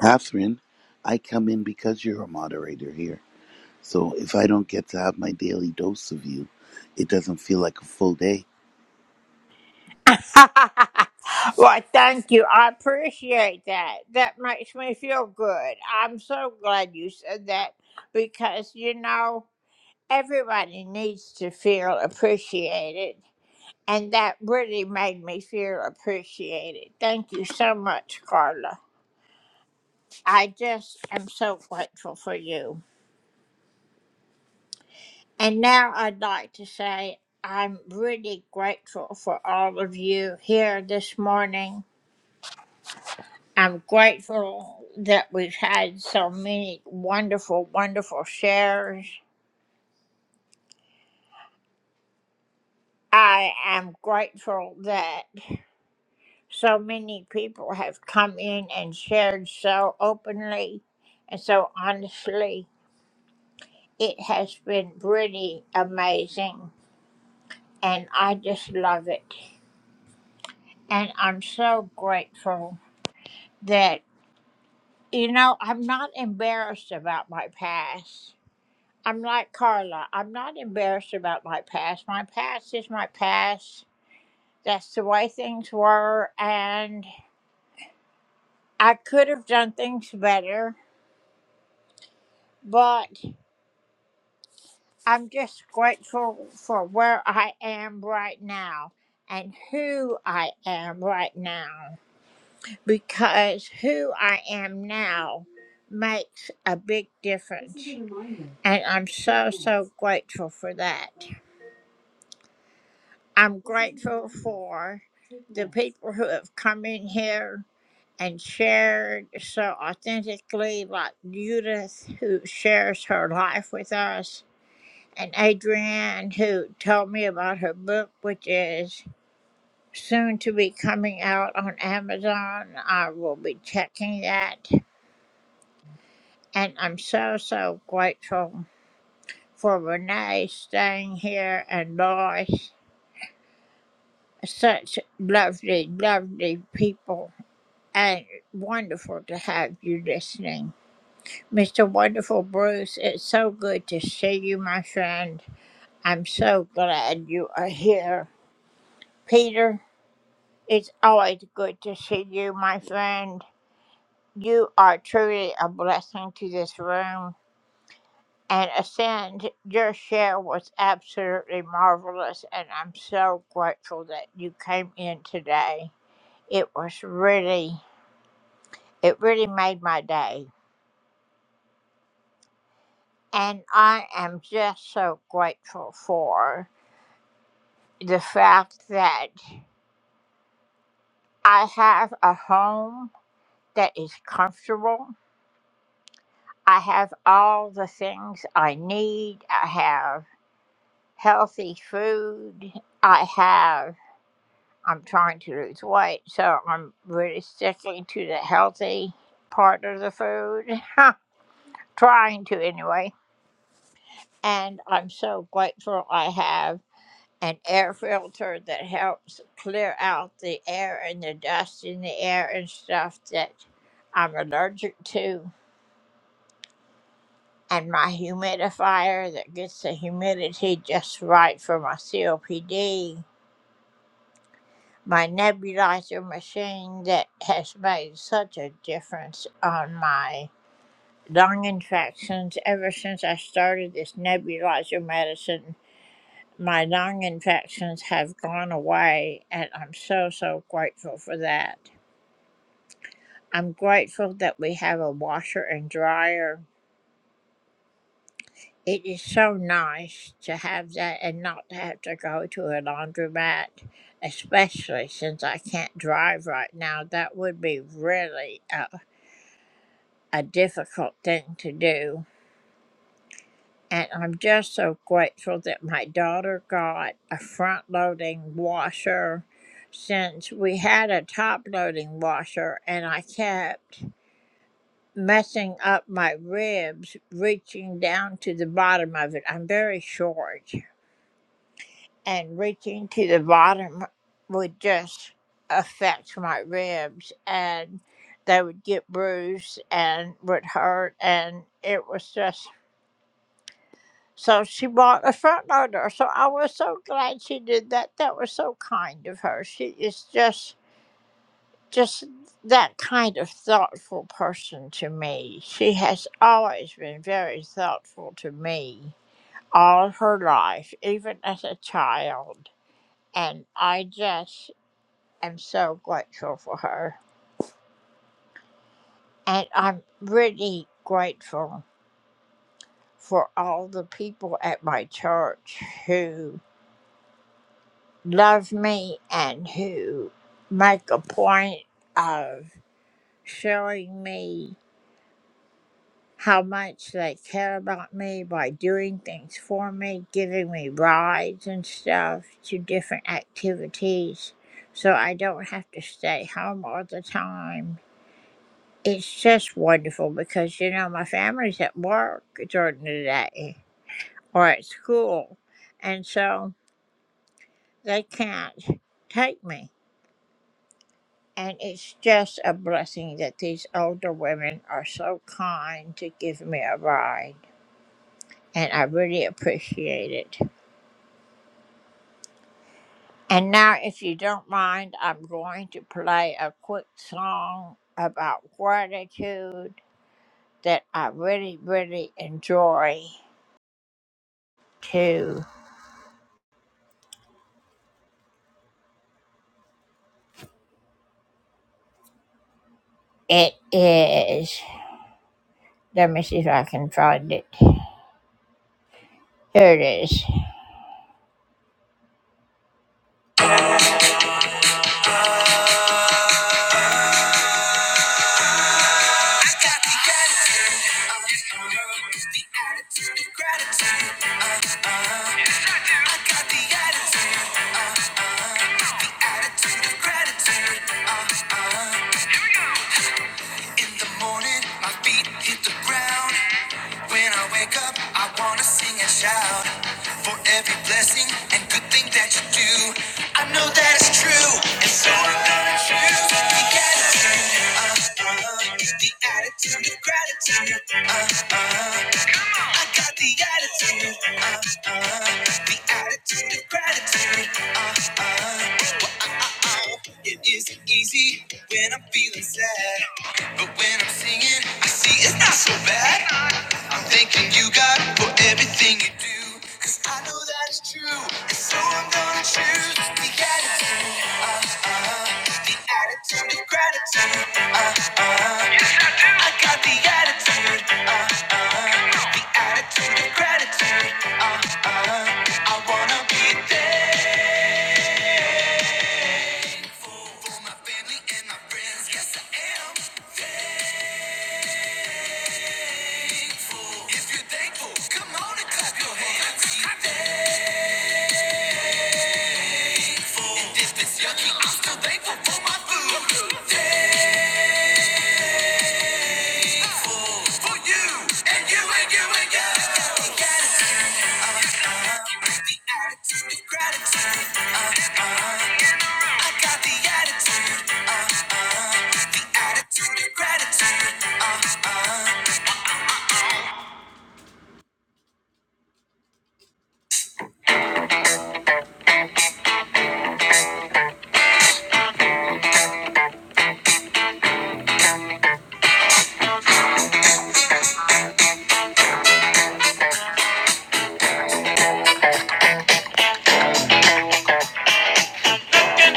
P: Catherine, I come in because you're a moderator here. So if I don't get to have my daily dose of you, it doesn't feel like a full day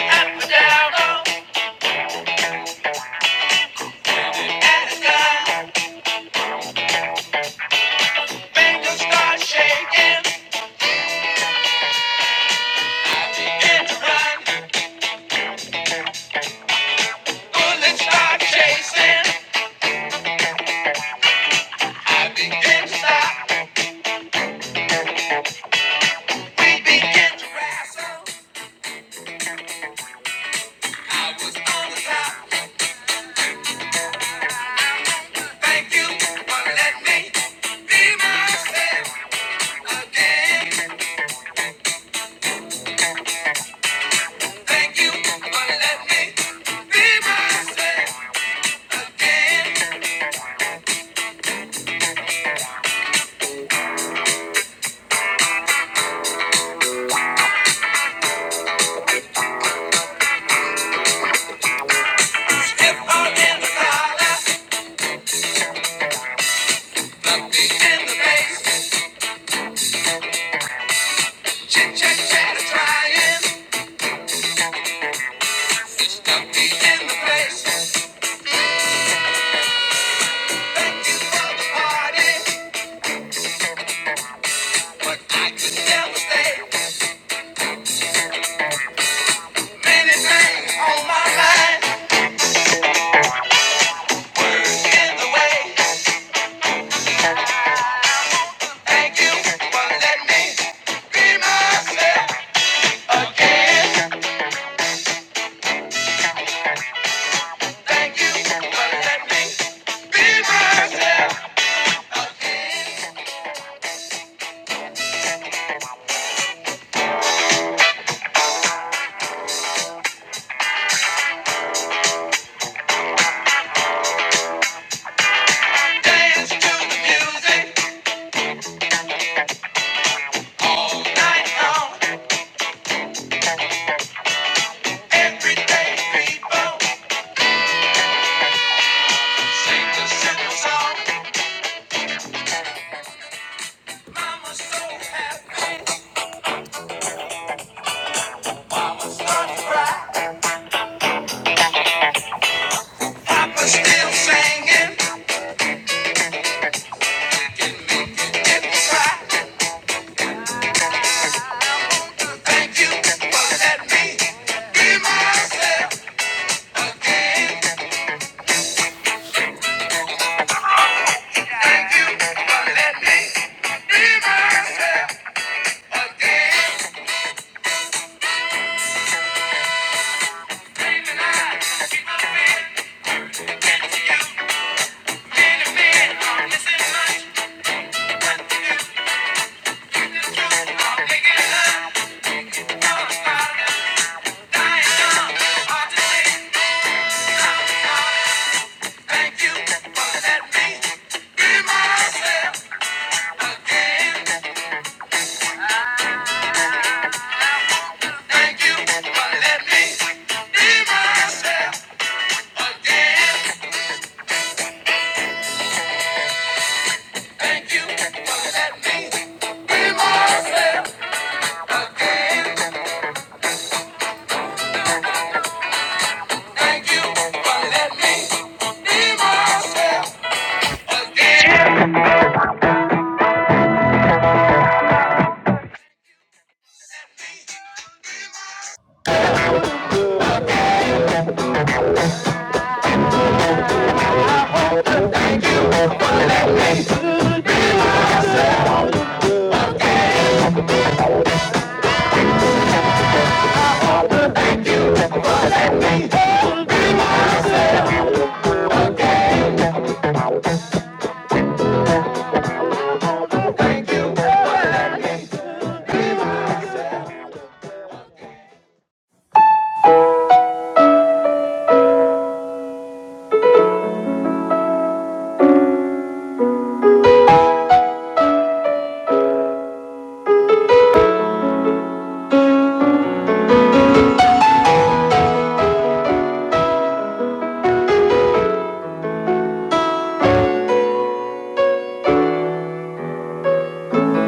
A: Up and down, up and down. Fingers start shaking and to run. Bullets start chasing. I begin to stop. We begin to wrestle. I am stuck in the place. Thank you for the party, but I could never stay. Many things on my mind in the way. Thank you for letting me be myself again. Let me dance to the music night long. Everyday people sing the simple song. Mama's so happy. Papa's still singing. Thank you for letting me be myself. For letting me be myself.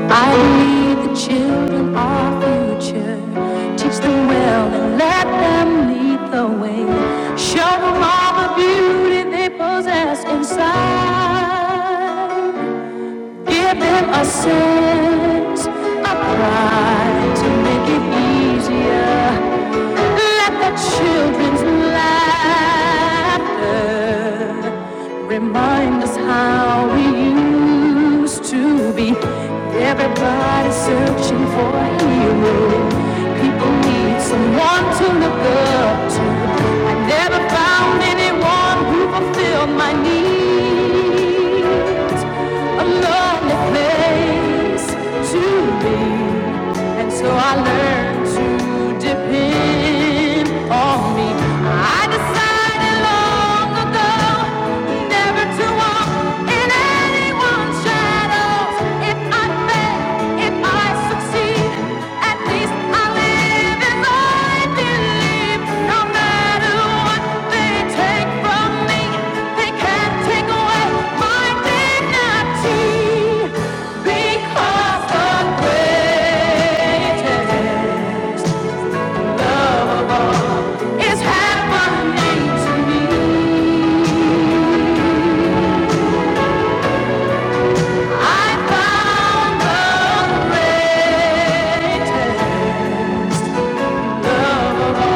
A: I leave the children our future. Teach them well and let them lead the way. Show them all the beauty they possess inside. Give them a sense of pride to make it easier. Let the children's laughter remind us how we used to be. Everybody searching for a hero. People need someone to look up to. I never found anyone who fulfilled my needs. A lonely place to be, and so I learned to depend on me. I decided long ago never to walk in any because the greatest love of all it's happening to me. I found the greatest. Love of all.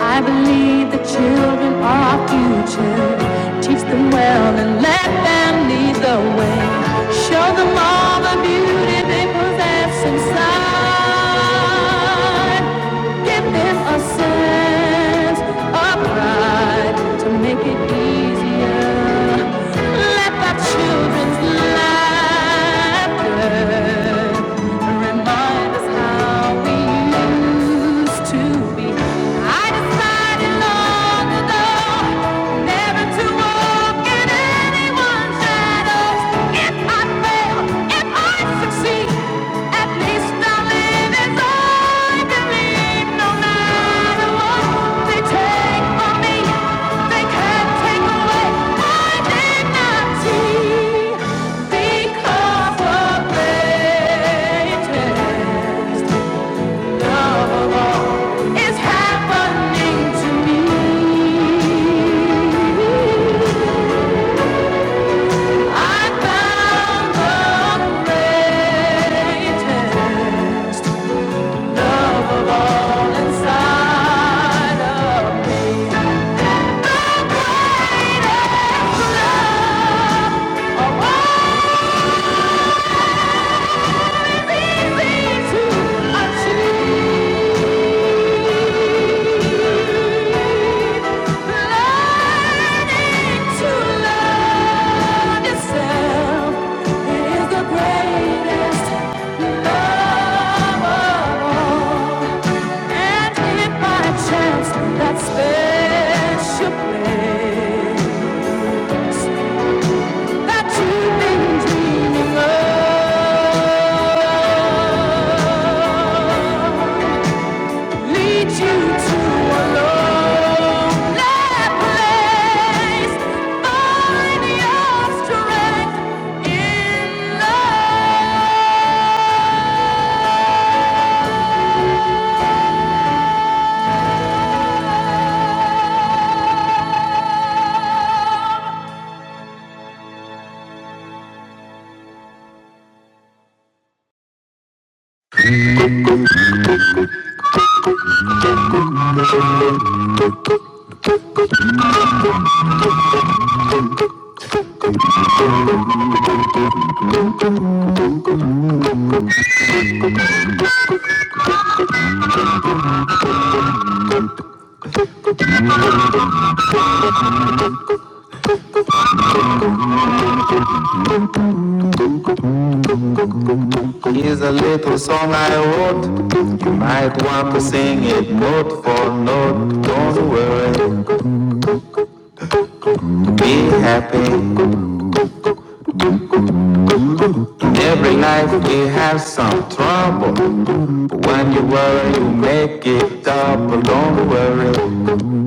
A: I believe the children are our future. Teach them well and let them lead the way. Show them all the beauty they possess inside. Give them a sense of pride to make it easier. Let the children's laughter remind us how we used to be. I decided long ago never to walk in it. Love of all is happening to me. Thank you Learning to love yourself is the greatest love of all. And if by chance that special place that you've been dreaming of Lead you to a lonely place. Find your strength in love. Is a little song I wrote. You Might want to sing it note for note. Don't worry, be happy. In every life we have some trouble. But when you worry, you make it double. Don't worry,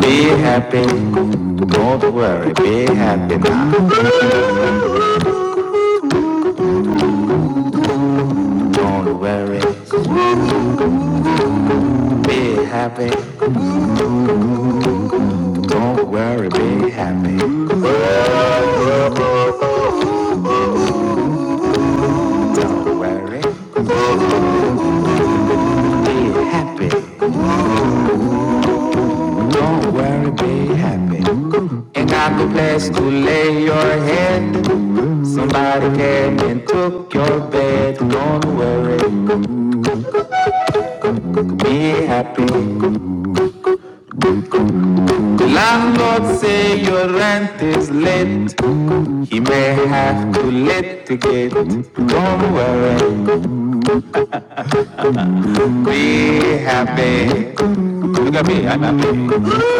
A: Be happy. Don't worry. Be happy now. Don't worry. Be happy. Don't worry. Be happy. Don't worry. Be happy. Don't worry. Be happy. Ain't got no place to lay your head. Somebody came and took your bed. Don't worry. Be happy. The Landlord say your rent is late. He may have to litigate. Don't worry, be happy. Look at me, I'm happy.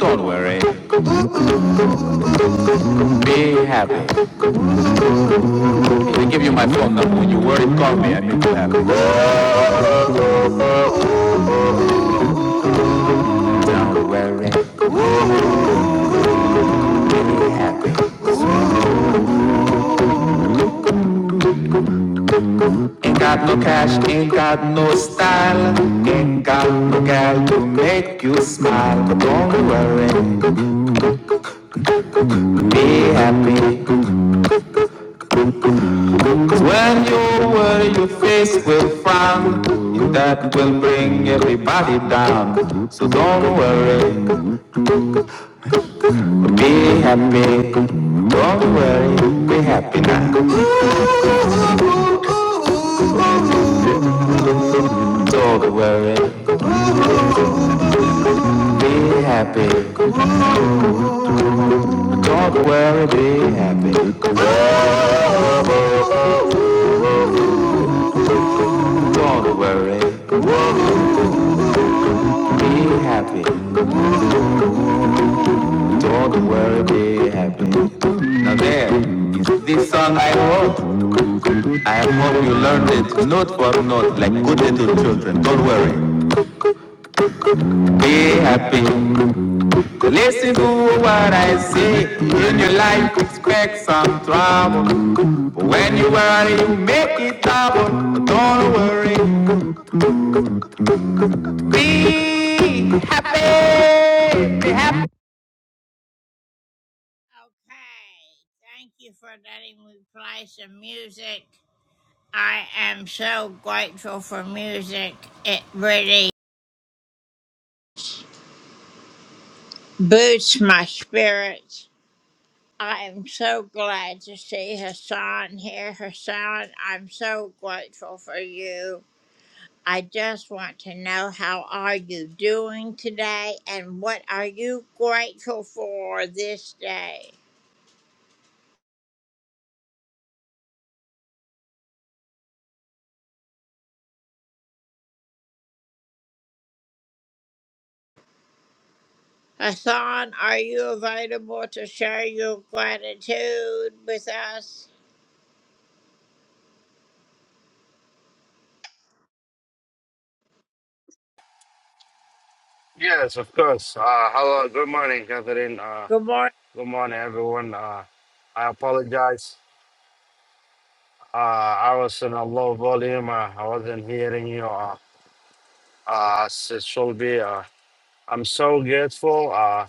A: Don't worry, be happy. I'll give you my phone number. When you worry, call me. I make you happy. Don't worry, be happy. Ain't got no cash, ain't got no style. Ain't got no girl to make you smile. Don't worry. Be happy, cause when you worry, your face will frown, and that will bring everybody down. So don't worry, be happy, don't worry, be happy now. Don't worry, be happy, don't worry, be happy. Don't worry, be happy. Don't worry, be happy. Now there is this song I wrote. I hope you learned it note for note like good little children. Don't worry, be happy. Listen to what I say. In your life, expect some trouble. But when you worry, you make it double. Don't worry, be happy. Be happy.
Q: Yes, of course. Uh, hello, good morning, Catherine. Uh, good morning, everyone. Uh, I apologize. Uh, I was in a low volume. Uh, I wasn't hearing you uh, uh, as it should be. Uh, I'm so grateful uh,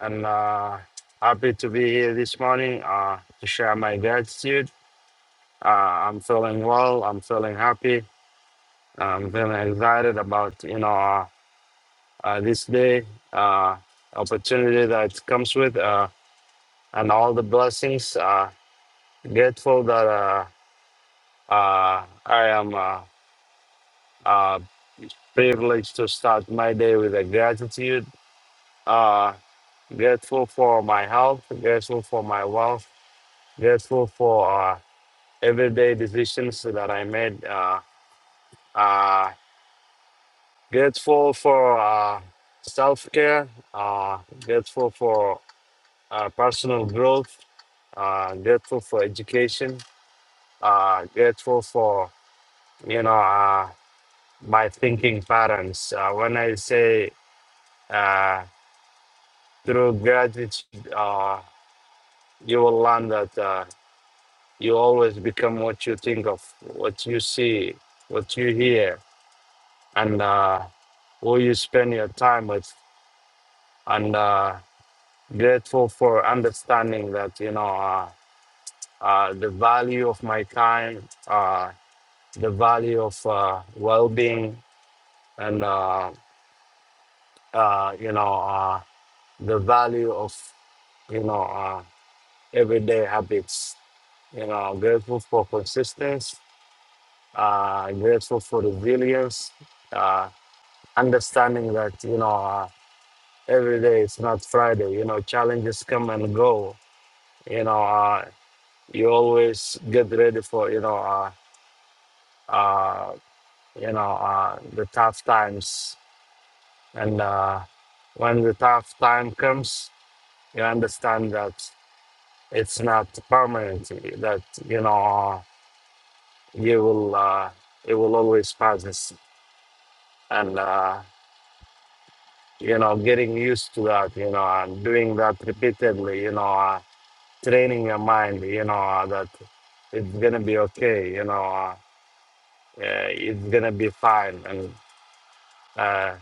Q: and uh, happy to be here this morning uh, to share my gratitude. Uh, I'm feeling well. I'm feeling happy. I'm feeling excited about you know uh, uh, this day uh, opportunity that comes with. Uh, and all the blessings. Uh, grateful that uh, uh, I am uh, uh, privileged to start my day with a gratitude. Uh, grateful for my health, grateful for my wealth, grateful for uh, everyday decisions that I made. Uh, uh, grateful for uh, self care, uh, grateful for uh, personal growth, uh, grateful for education, uh, grateful for you know. uh, my thinking patterns. Uh, when I say uh, through gratitude, uh, you will learn that uh, you always become what you think of, what you see, what you hear, and uh, who you spend your time with. And uh, grateful for understanding that you know uh, uh, the value of my time, uh, the value of uh, well-being, and uh, uh, you know uh, the value of you know. Uh, everyday habits. You know, I'm grateful for consistency. Uh, grateful for resilience. Uh, understanding that you know uh, every day it's not Friday. You know, challenges come and go. You know, uh, you always get ready for you know uh, uh, you know uh, the tough times. And uh, when the tough time comes, you understand that it's not permanent. That you know. uh, you will uh, it will always pass this, and uh, you know getting used to that you know and doing that repeatedly you know uh, training your mind you know uh, that it's gonna be okay you know uh, yeah, it's gonna be fine and uh,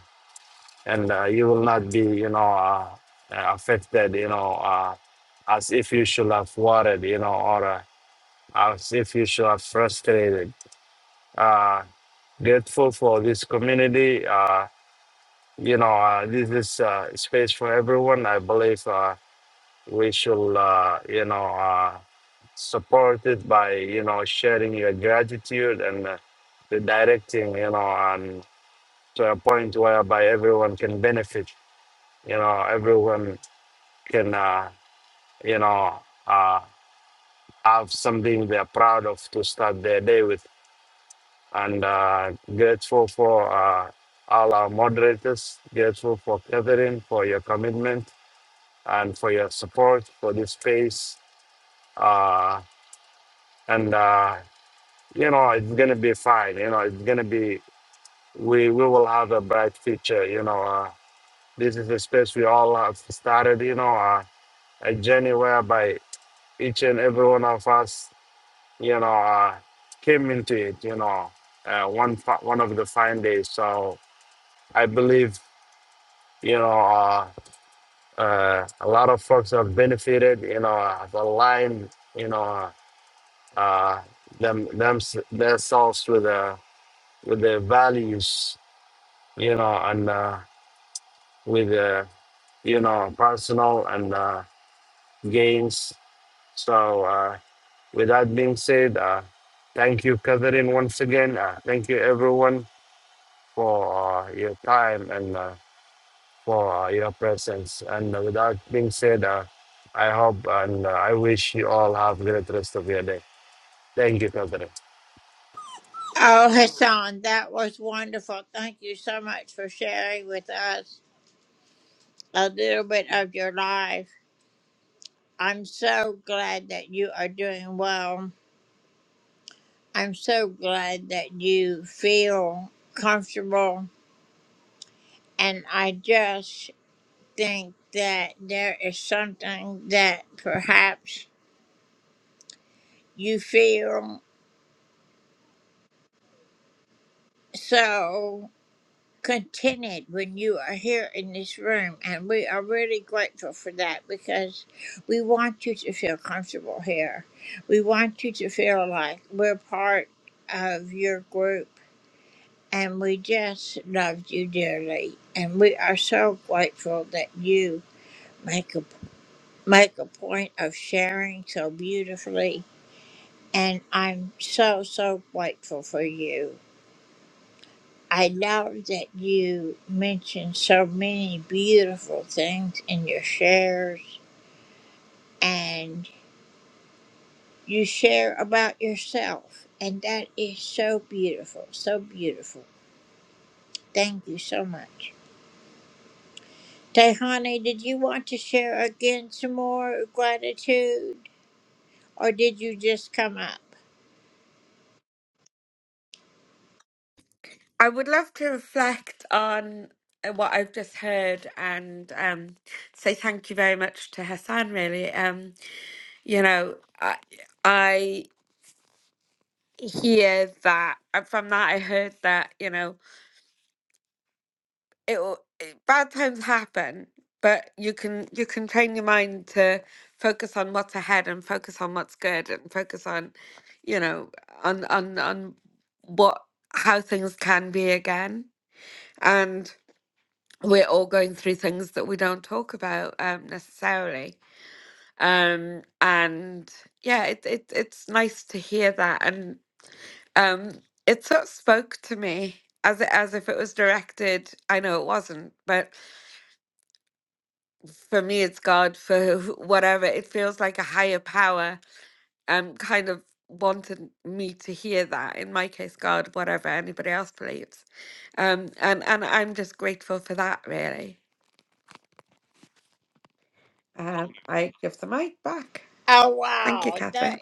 Q: and uh, you will not be you know uh, uh, affected you know uh, as if you should have worried you know or uh, as if you should have frustrated uh, grateful for this community. Uh, you know, uh, this is uh, space for everyone. I believe uh, we should, uh, you know, uh, support it by, you know, sharing your gratitude and uh, the directing, you know, and to a point whereby everyone can benefit. You know, everyone can, uh, you know, uh, have something they're proud of to start their day with. And uh, grateful for uh, all our moderators, grateful for Catherine for your commitment and for your support for this space. Uh, and uh, you know, it's gonna be fine. You know, it's gonna be. We we will have a bright future. You know, uh, this is a space we all have started. You know, uh, a journey whereby each and every one of us, you know, uh, came into it. You know, uh, one fi- one of the fine days. So I believe, you know. Uh, uh, a lot of folks have benefited, you know, have aligned, you know. uh, them them themselves with uh, with their values, you know, and uh, with uh, you know personal and uh, gains. So uh, with that being said, uh, thank you, Catherine, once again. Uh, thank you, everyone, for uh, your time and uh, for uh, your presence. And uh, with that being said, uh, I hope and uh, I wish you all have a great rest of your day. Thank you, Catherine.
E: I would love to reflect on uh, what I've just heard and um say thank you very much to Hassan really. Um you know, I I hear that and from that i heard that you know it will it bad times happen but you can you can train your mind to focus on what's ahead and focus on what's good and focus on you know on on on what how things can be again and we're all going through things that we don't talk about um necessarily um and yeah it, it it's nice to hear that and Um, it sort of spoke to me as it, as if it was directed. I know it wasn't, but for me, it's God. For <laughs> wh- whatever, it feels like a higher power. Um, kind of wanted me to hear that. In my case, God, whatever anybody else believes. Um, and and I'm just grateful for that. Really, um, I give the mic back. Thank you, Catherine.